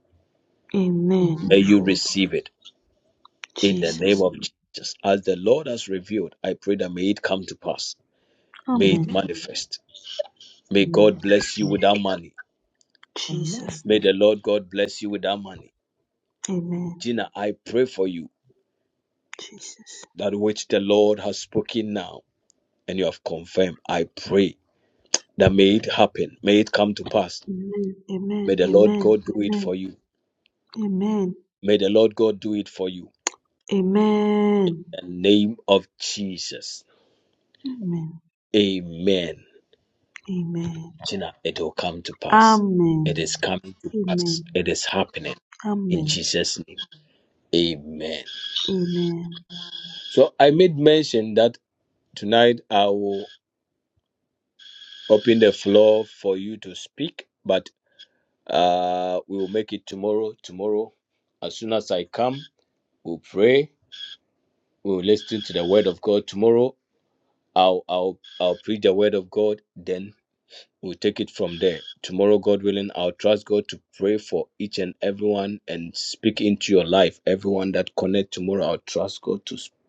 Amen. May amen you Fold. receive it in the amen name Jesus. of name. Jesus. As the Lord has revealed, I pray that may it come to pass. May Amen. it amen manifest. May Amen. God Amen. bless you with that money. Amen. Jesus. May name. the Lord God bless you with that money. Amen. Gina, I pray for you Jesus. that which the Lord has spoken now and you have confirmed. I pray that may it happen. May it come to pass. Amen. Amen. May the Lord Amen. God do it Amen. for you. Amen. May the Lord God do it for you. Amen. In the name of Jesus. Amen. Amen. Amen. Gina, it will come to pass. It Amen. is coming to pass. Amen. It is happening in Amen. Jesus' name. Amen. Amen. So I made mention that tonight I will open the floor for you to speak, but uh we will make tomorrow. Tomorrow, as soon as I come, we'll, we'll listen to the word of God. I'll I'll I'll preach the word of God. Then we'll take it from there. Tomorrow, God willing, I'll trust God to pray for each and everyone and speak into your life. Everyone that connect tomorrow, I'll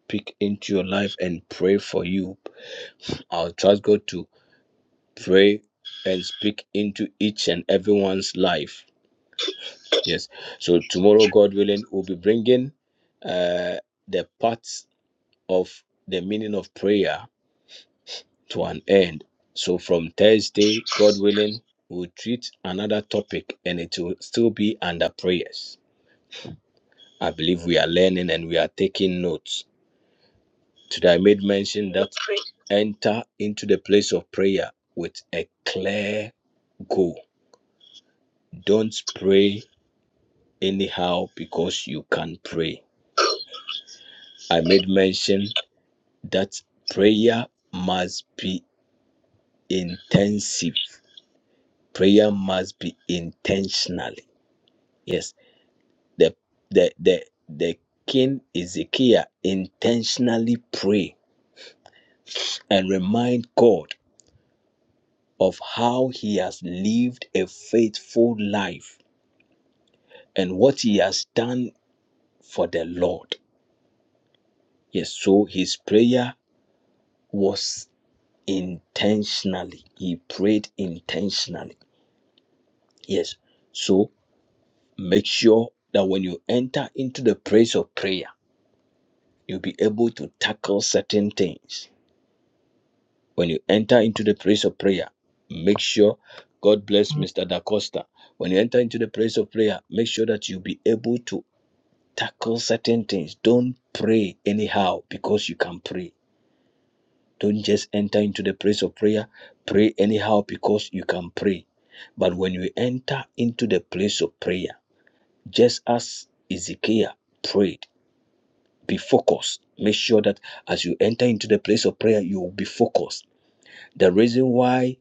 speak into your life and you I'll trust God to pray and speak into each and everyone's life. Yes. So tomorrow, God willing, we'll be bringing uh, the parts of the meaning of prayer to an end. So from Thursday, God willing, we'll treat another topic and it will still be under prayers. I believe we are learning and we are taking notes. Today I made mention that enter into the place of prayer with a clear goal. Don't pray anyhow because you can pray. I made mention that prayer must be intensive. Prayer must be intentionally. Yes, the the the the king Ezekiel intentionally pray and remind God of how he has lived a faithful life and what he has done for the Lord. Yes, so his prayer was intentionally. He prayed intentionally. Yes, so make sure that when you enter into the place of prayer, you'll be able to tackle certain things. When you enter into the place of prayer, make sure, God bless Mr. Da Costa. When you enter into the place of prayer, make sure that you'll be able to tackle certain things. Don't pray anyhow because you can pray Don't just enter into the place of prayer, pray anyhow because you can pray. But when you enter into the place of prayer, just as Ezekiel prayed, be focused. Make sure that as you enter into the place of prayer, you will be focused. The reason why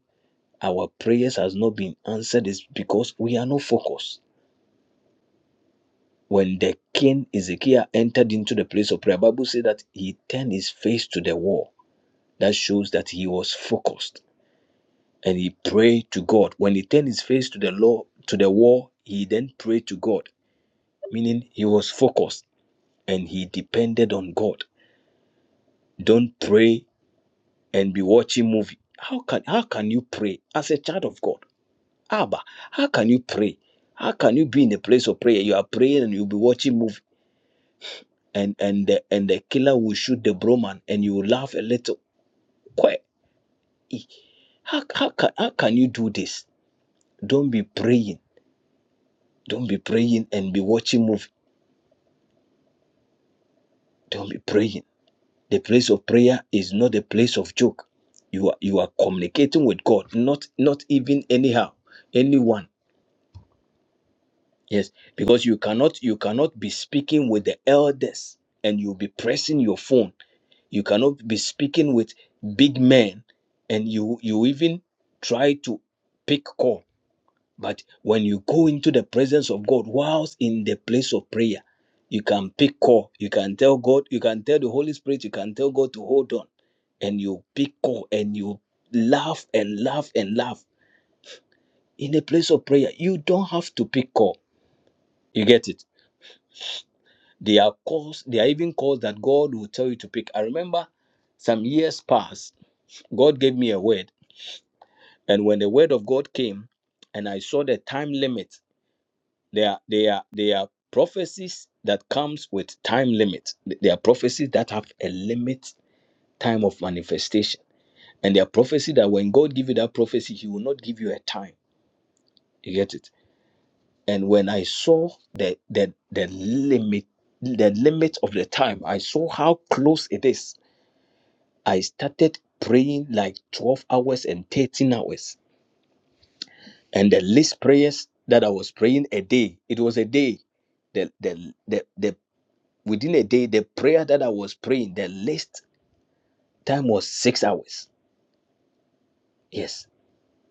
our prayers has not been answered is because we are not focused. When the king Ezekiel entered into the place of prayer, the Bible says that he turned his face to the wall. That shows that he was focused and he prayed to God. When he turned his face to the law to the wall, he then prayed to God, meaning he was focused and he depended on God. Don't pray and be watching movie. How can how can you pray as a child of God? Abba, how can you pray? How can you be in a place of prayer? You are praying and you'll be watching movie and and the, and the killer will shoot the bro man, and you will laugh a little. Quite. How, how, can, how can you do this? Don't be praying. Don't be praying and be watching movie Don't be praying. The place of prayer is not a place of joke. You are you are communicating with God, not not even anyhow, anyone. Yes, because you cannot you cannot be speaking with the elders and you'll be pressing your phone. You cannot be speaking with big men and you you even try to pick call. But when you go into the presence of God, whilst in the place of prayer, you can pick call. You can tell God, you can tell the Holy Spirit, you can tell God to hold on. And you pick call and you laugh and laugh and laugh. In the place of prayer, you don't have to pick call. You get it? There are calls, there are even calls that God will tell you to pick. I remember some years past, God gave me a word. And when the word of God came, and I saw the time limit They are they are they are prophecies that comes with time limit. They are prophecies that have a limit time of manifestation. And they are prophecy that when God give you that prophecy, He will not give you a time. You get it? And when I saw the the the limit the limit of the time, I saw how close it is. I started praying like 12 hours and 13 hours. And the least prayers that I was praying a day, it was a day. The, the, the, the within a day, the prayer that I was praying, the least time was six hours. Yes.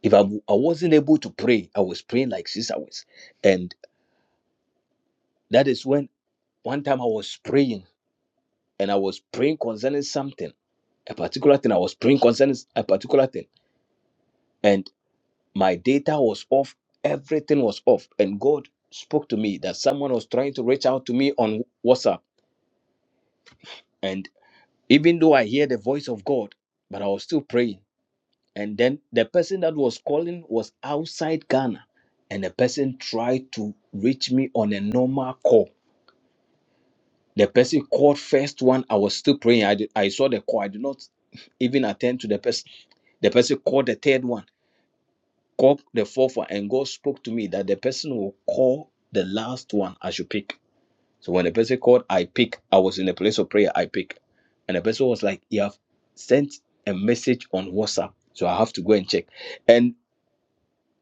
If I I w- I wasn't able to pray, I was praying like six hours. And that is when one time I was praying and I was praying concerning something, a particular thing. I was praying concerning a particular thing. And my data was off. Everything was off. And God spoke to me that someone was trying to reach out to me on WhatsApp. And even though I hear the voice of God, but I was still praying and then the person that was calling was outside Ghana, and the person tried to reach me on a normal call. The person called first one. I was still praying. I did, I saw the call. I did not even attend to the person. The person called the third one, called the fourth one, and God spoke to me that the person will call the last one I should pick. So when the person called, I pick. I was in a place of prayer. I pick, and the person was like, "You have sent a message on WhatsApp, so I have to go and check."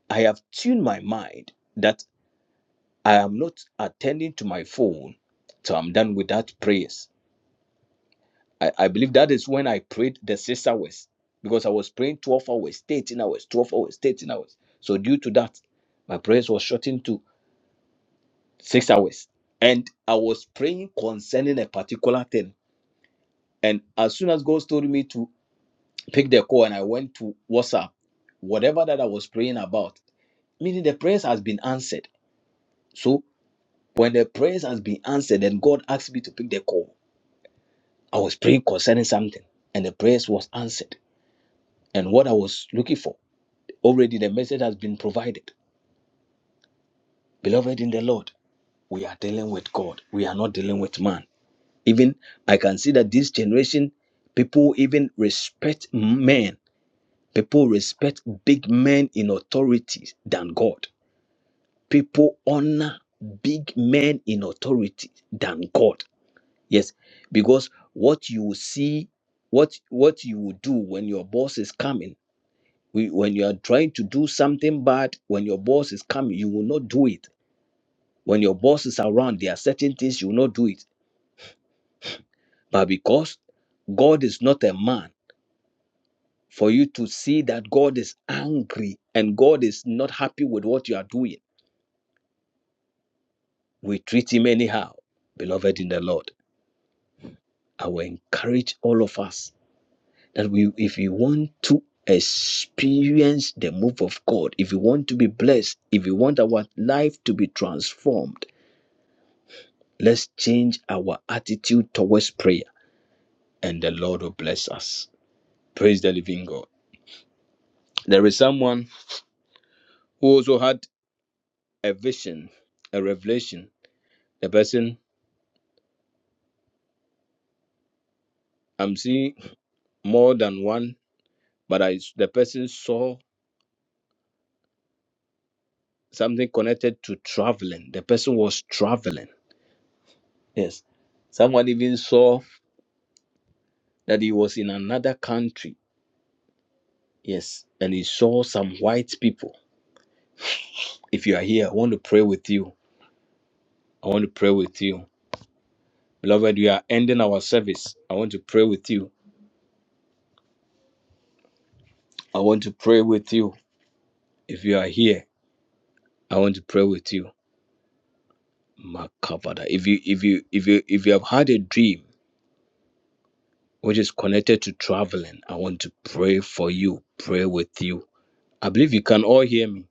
I have tuned my mind that I am not attending to my phone. So I'm done with that prayers. I, I believe that is when I prayed the six hours because I was praying 12 hours, 13 hours, 12 hours, 13 hours. So due to that, my prayers was shortened to six hours. And I was praying concerning a particular thing. And as soon as God told me to pick the call and I went to WhatsApp, whatever that I was praying about, meaning the prayers has been answered. So. When the prayers has been answered, then God asked me to pick the call. I was praying concerning something, and the prayers was answered. And what I was looking for, already the message has been provided. Beloved in the Lord, we are dealing with God. We are not dealing with man. Even I can see that this generation, people even respect men. People respect big men in authorities than God. People honor big men in authority than God. Yes, because what you see, what what you will do when your boss is coming, we- when you are trying to do something bad, when your boss is coming, you will not do it. When your boss is around, there are certain things you will not do it. But because God is not a man for you to see that God is angry and God is not happy with what you are doing, we treat him anyhow. Beloved in the Lord, I will encourage all of us. that we if you want to experience the move of God, if you want to be blessed, if you want our life to be transformed, let's change our attitude towards prayer and the Lord will bless us. Praise the living God. There is someone who also had a vision, a revelation. The person I'm seeing more than one, but I the person saw something connected to traveling. The person was traveling. Yes. Someone even saw that he was in another country. Yes. And he saw some white people. If you are here, I want to pray with you. I want to pray with you. Beloved, we are ending our service. I want to pray with you. I want to pray with you. If you are here, I want to pray with you. Makabada. If you if you if you if you have had a dream which is connected to traveling, I want to pray for you, pray with you. I believe you can all hear me.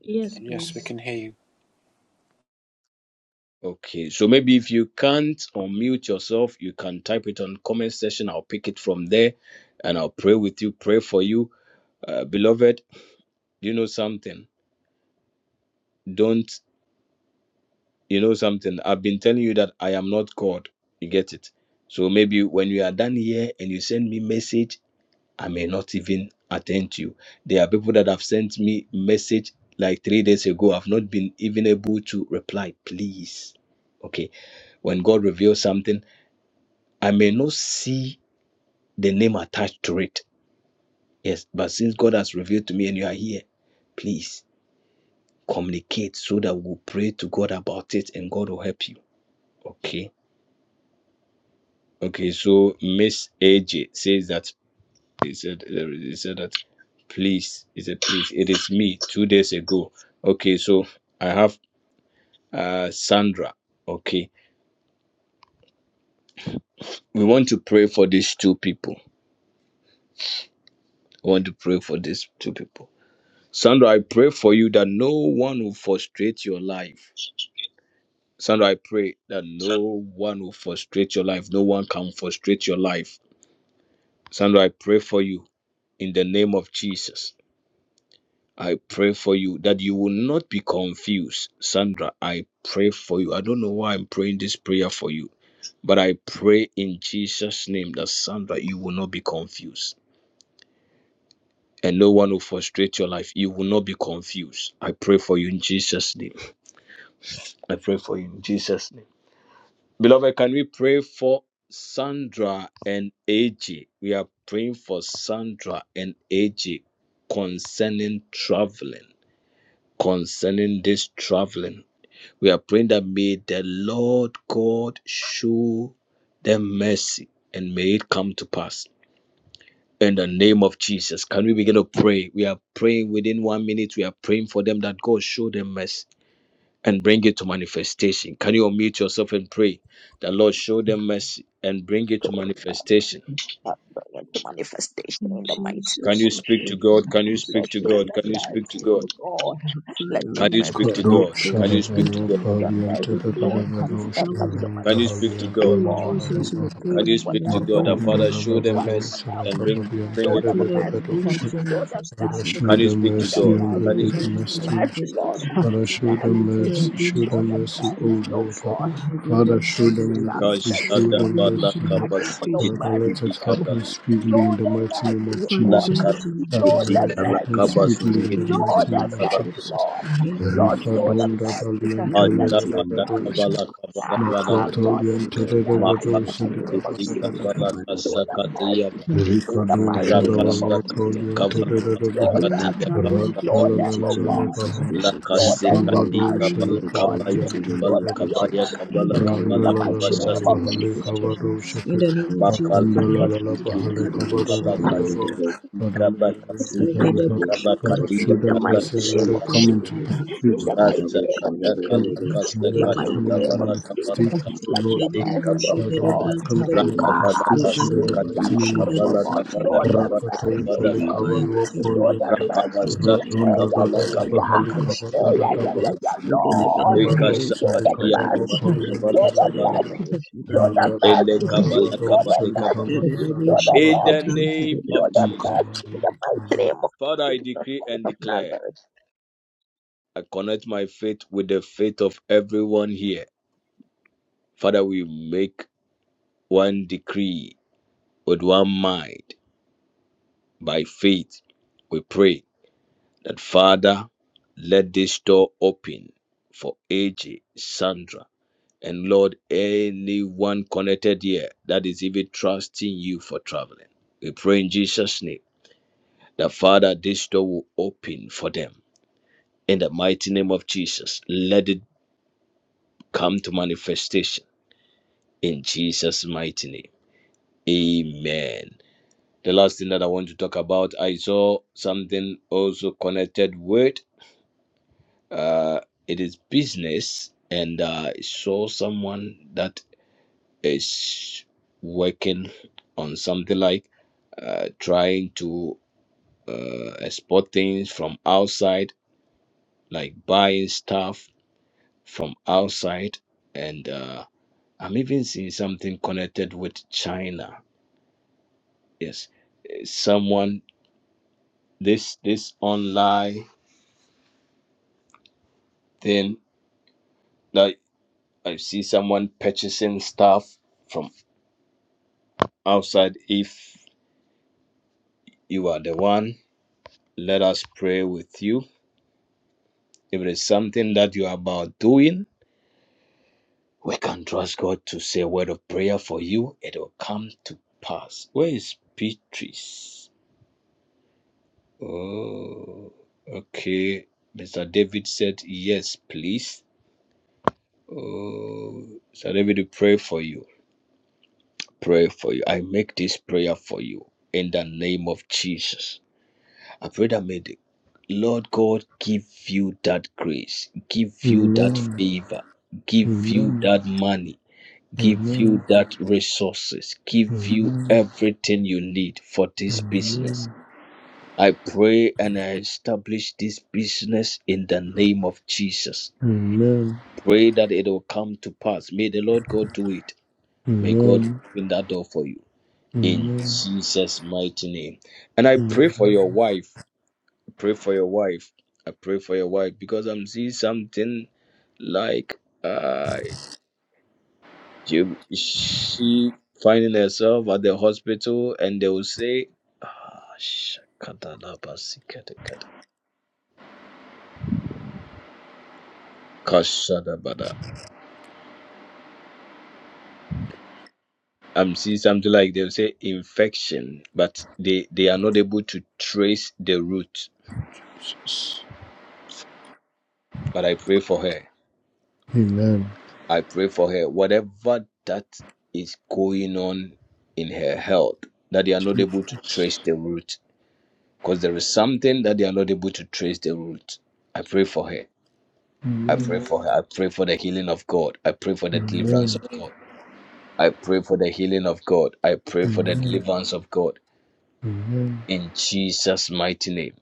Yes, please. Okay, so maybe if you can't unmute yourself, you can type it on comment section. I'll pick it from there and I'll pray with you, pray for you. Uh, beloved, you know something? Don't you know something? I've been telling you that I am not God. You get it? So maybe when you are done here and you send me message, I may not even attend to you. There are people that have sent me message like three days ago. I've not been even able to reply. Please. Okay. When God reveals something, I may not see the name attached to it. Yes, but since God has revealed to me and you are here, please communicate so that we'll pray to God about it and God will help you. Okay. Okay, so Miss AJ says that he said he said that please. He said, please, it is me two days ago. Okay, so I have uh Sandra. Okay. We want to pray for these two people. We want to pray for these two people. Sandra, I pray for you that no one will frustrate your life. Sandra, I pray that no one will frustrate your life. No one can frustrate your life. Sandra, I pray for you in the name of Jesus. I pray for you that you will not be confused. Sandra, I pray for you. I don't know why I'm praying this prayer for you, but I pray in Jesus' name that Sandra, you will not be confused. And no one will frustrate your life. You will not be confused. I pray for you in Jesus' name. I pray for you in Jesus' name. Beloved, can we pray for Sandra and AJ? We are praying for Sandra and AJ concerning traveling, concerning this traveling. We are praying that may the Lord God show them mercy and may it come to pass. In the name of Jesus, can we begin to pray? We are praying within one minute. We are praying for them that God show them mercy and bring it to manifestation. Can you unmute yourself and pray that Lord show them mercy and bring it to Lord, manifestation? I bring into manifestation In in the mighty Can name Jesus, you of we speak to pray Jesus. God? and Can you our let speak to show sisters God? and Can them you speak friends, to O mercy, God? God. Lord. Father Let your Can you Lord, speak mercy to we God? pray Can Kadoshana you speak that to God? as show they them have had Vallabhalianta a mercy, Lord. dream of And let your traveling, Dadavadoshanda Can you speak to manifestation, we Halianta God? in Lord. Jesus, we Lalalava pray Can Speak you that for Father, speak them, to you God? bring Lord. That it to Makunda Father show them Work manifestation. for mercy Lalavarosana them. and bring bring Kavalianta Show I it to pray them that manifestation. this mercy. day makes Dadavadosha your Show them Lord, I manifestation. show mercy. Can you them speak I Show to pray them mercy God? that and Father, the Can you you mercy. bring speak it to to God? goodness Mercy, Lord. manifestation. Father, show I pray them that Father, you mercy, bring show it Mercy. to them mercy, O manifestation. Oh Lord. Lord. God, Father, bring we Father, it show we bring them our mercy, society show for them you. mercy. to I Lord. thank for your manifestation. Father, mercy, let for it them. happen Kashadabalakabasikitikibikavala. speedily Show in the them mighty name mercy, of oh Father, God. Jesus. bring it to Father, Show may them it manifestation. happen mercy. speedily Father, in bring Show the it to mighty them name of Lakasikitikalakabasikitikibikala. mercy, manifestation. Jesus. Lord. In the Lord, name of Rifa show them don da Jesus. mercy. dalian In the Let telele mighty da your Ashaka da name of mercy, dos. Jesus. Dakabala Kabala We call Bala ah, upon God, be Makwatolian you, seen God, in the telele their da brother, lives in the the dos. mighty brother. name of Dikaba Makati da da We da Jesus. da. call Kabala upon you, Show God, the them brother, the brother. Kasakatiya mercy in the Rikado Father, in mighty the name name of of Shadavalo Jesus, Rakasakati Tolian Jesus. bless O Kabala God. Show Tederabaha Bring their them, Kasikatiya traveling Kabala show Kaba them, opportunity oh to a God. Rantalalalabaha manifestation. Show them Bring your their Rikavado Lakasikati mercy, traveling Kabala oh God. opportunity Shalakavadian Kabaya to a Show Kabala them your manifestation. Kabaya Tederabaha mercy Bring Kabala the in traveling the Kabala mighty opportunity to name a of Randalalabaha Kabasatiya Kaba Jesus. In manifestation. Lekavado In Shaka the name of Jesus, Makala O the mighty Makundalalabaha Kasikiti God, I name will share Kabala the of devil, devil. Lekavadarabaha Kasikiti Father, may Kabala your will be We got Kasikiti a Jesus. done. bush, we Kabala got Father, a Kadiya show black, In we the them got Kabala a mercy mighty and let name Kadu we it of got come into Jesus. *laughs* pass. In the mighty name of Kasakata Jesus. Kala From us, my In Lord, the is Kasakati mighty coming to name of Kabala Jesus. Kabala manifestation, O Let Lord. your Shagada Kasikiti bo mercy, Kaba oh Father, shagada may God. it branta come da I to ba da ba. Rakavala manifestation Ekala in ba between the the da ba mighty Katia name life of of shagada our Kavala Jesus. God. branta da Show Kavada ba da them ba. Kavada Rakato mercy, oh Akadi Kavada God. bayo Salikavalu ta da ba Show da them ba. Poliente, mercy. Thank you. Ekala Rakavasati Hey, ba Radonda yeah, da ba. Dada Kavala yeah, yeah, Thank Ekala yeah. Kavala bo Kada Halikava Hey, shagada Dada ba yeah, da yeah, ba. yeah, Baha, yeah, Ekala ba da Lord. ba da Likavado ba. Ekasa Show them Katia Ekala bo Salikavalu Kavala mercy. shagada Kavala Poliente, Show branta them da ba Kavala da Ba, mercy. ba. Show Shagada ba. them Randa Dada Ele mercy. Kavala Dada Show Kabade them Kaba. Salikava mercy. Show Dada them In the mercy. Bahata, name Show of them you. Jesus, mercy. In Likavado. the mighty name of Father, I Jesus decree Christ and of Nazareth. declare, I connect my faith with the faith of everyone here. Father, we make one decree with one mind by faith. We pray that Father, let this door open for AJ, Sandra, and Lord, anyone connected here that is even trusting you for traveling. We pray in Jesus' name that Father, this door will open for them. In the mighty name of Jesus, let it come to manifestation in Jesus' mighty name. Amen. The last thing that I want to talk about, I saw something also connected with. uh, it is business and uh, I saw someone that is working on something like uh, trying to uh, export things from outside, like buying stuff from outside. And uh, I'm even seeing something connected with China. Yes, someone this this online thing like I see someone purchasing stuff from outside. If You are the one. Let us pray with you. If it is something that you are about doing, we can trust God to say a word of prayer for you. It will come to pass. Where is Beatrice? Oh, okay. Mr. David said, Yes, please. Oh, Mr. David, we pray for you. Pray for you. I make this prayer for you in the name of Jesus. I pray that may the Lord God give you that grace, give you that Amen. favor, give you Amen. that money, give Amen. you that resources, give you Amen. everything you need for this business. Amen. I pray and I establish this business in the name of Jesus. Amen. Pray that it will come to pass. May the Lord God do it. May God Amen. open that door for you. In Amen. Jesus' mighty name. And I pray for Amen. your wife. Pray for your wife. I pray for your wife because I'm seeing something like uh you she finding herself at the hospital and they will say "Ah, shakadalabasikadekade, kashadabada." I'm seeing something like they'll say infection, but they, they are not able to trace the root. Jesus. But I pray for her. Amen. I pray for her. Whatever that is going on in her health, that they are not able to Jesus. trace the root because there is something that they are not able to trace the root. I pray for her. I pray Amen. Amen. for her. I pray for the healing of God. I pray for the deliverance Amen. of God. I pray for the healing of God. I pray for the Amen. deliverance of God. Amen. In Jesus' mighty name.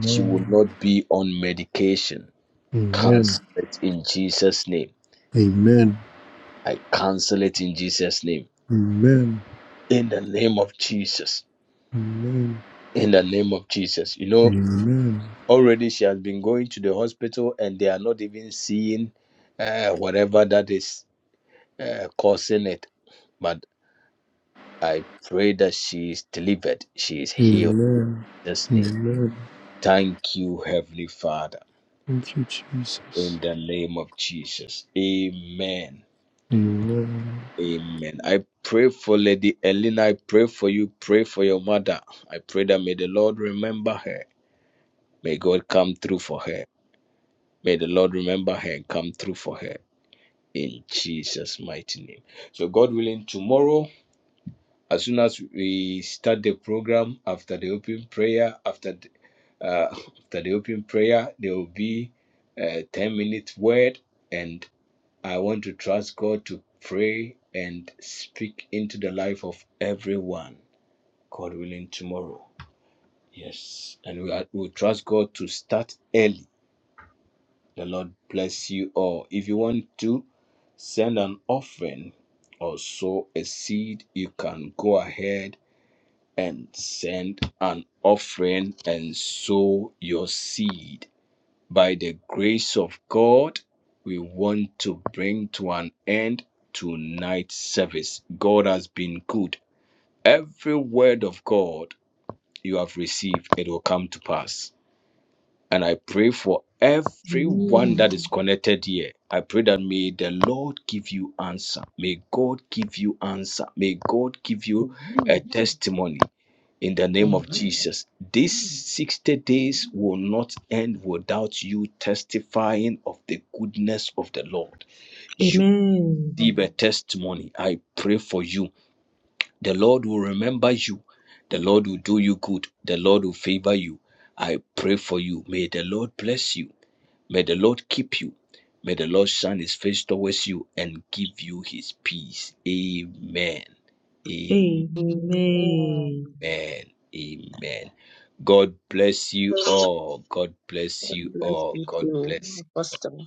She will not be on medication. Amen. Cancel it in Jesus' name. Amen. I cancel it in Jesus' name. Amen. In the name of Jesus. Amen. In the name of Jesus. You Amen. know, Amen. already she has been going to the hospital and they are not even seeing uh, whatever that is. uh, causing it. But I pray that she is delivered, she is healed. In Jesus' name. Amen. Thank you, Heavenly Father, Thank you, Jesus. in the name of Jesus. Amen. Amen. Amen. I pray for Lady Elena. I pray for you. Pray for your mother. I pray that may the Lord remember her. May God come through for her. May the Lord remember her and come through for her in Jesus' mighty name. So, God willing, tomorrow As soon as we start the program after the open prayer, after the, uh, *laughs* after the open prayer, there will be a 10 minute word. And I want to trust God to pray and speak into the life of everyone, God willing, tomorrow. Yes. And we, are, we trust God to start early. The Lord bless you all. If you want to send an offering or sow a seed, you can go ahead and send an offering and sow your seed. By the grace of God, we want to bring to an end tonight's service. God has been good. Every word of God you have received, it will come to pass. And I pray for Amen. everyone that is connected here. I pray that may the Lord give you answer. May God give you answer. May God give you a Amen. testimony in the name of Amen. Jesus. These 60 days will not end without you testifying of the goodness of the Lord. You Amen. receive a testimony. I pray for you. The Lord will remember you. The Lord will do you good. The Lord will favor you. I pray for you. May the Lord bless you. May the Lord keep you. May the Lord shine his face towards you and give you his peace. Amen. Amen. Amen. Amen. Amen. Amen. God bless you all. God bless God you bless all. you God too, bless you. Apostle.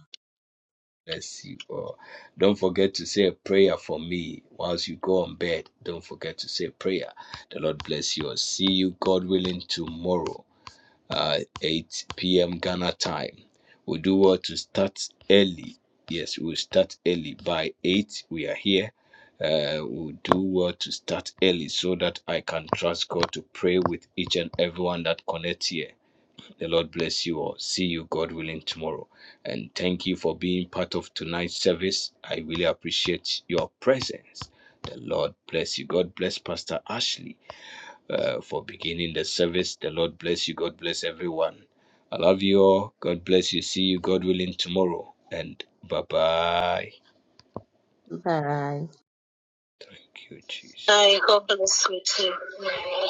Bless you all. Don't forget to say a prayer for me whilst you go on bed. Don't forget to say a prayer. The Lord bless you all. See you, God willing, tomorrow uh, 8 p.m. Ghana time. We do well to start early. Yes, we'll start early. By 8, we are here. Uh, we'll do well to start early so that I can trust God to pray with each and everyone that connects here. The Lord bless you all. See you, God willing, tomorrow. And thank you for being part of tonight's service. I really appreciate your presence. The Lord bless you. God bless Pastor Ashley uh, for beginning the service. The Lord bless you. God bless everyone. I love you all. God bless you. See you, God willing, tomorrow. And bye bye. Bye. Thank you, Jesus. Bye. God bless you too.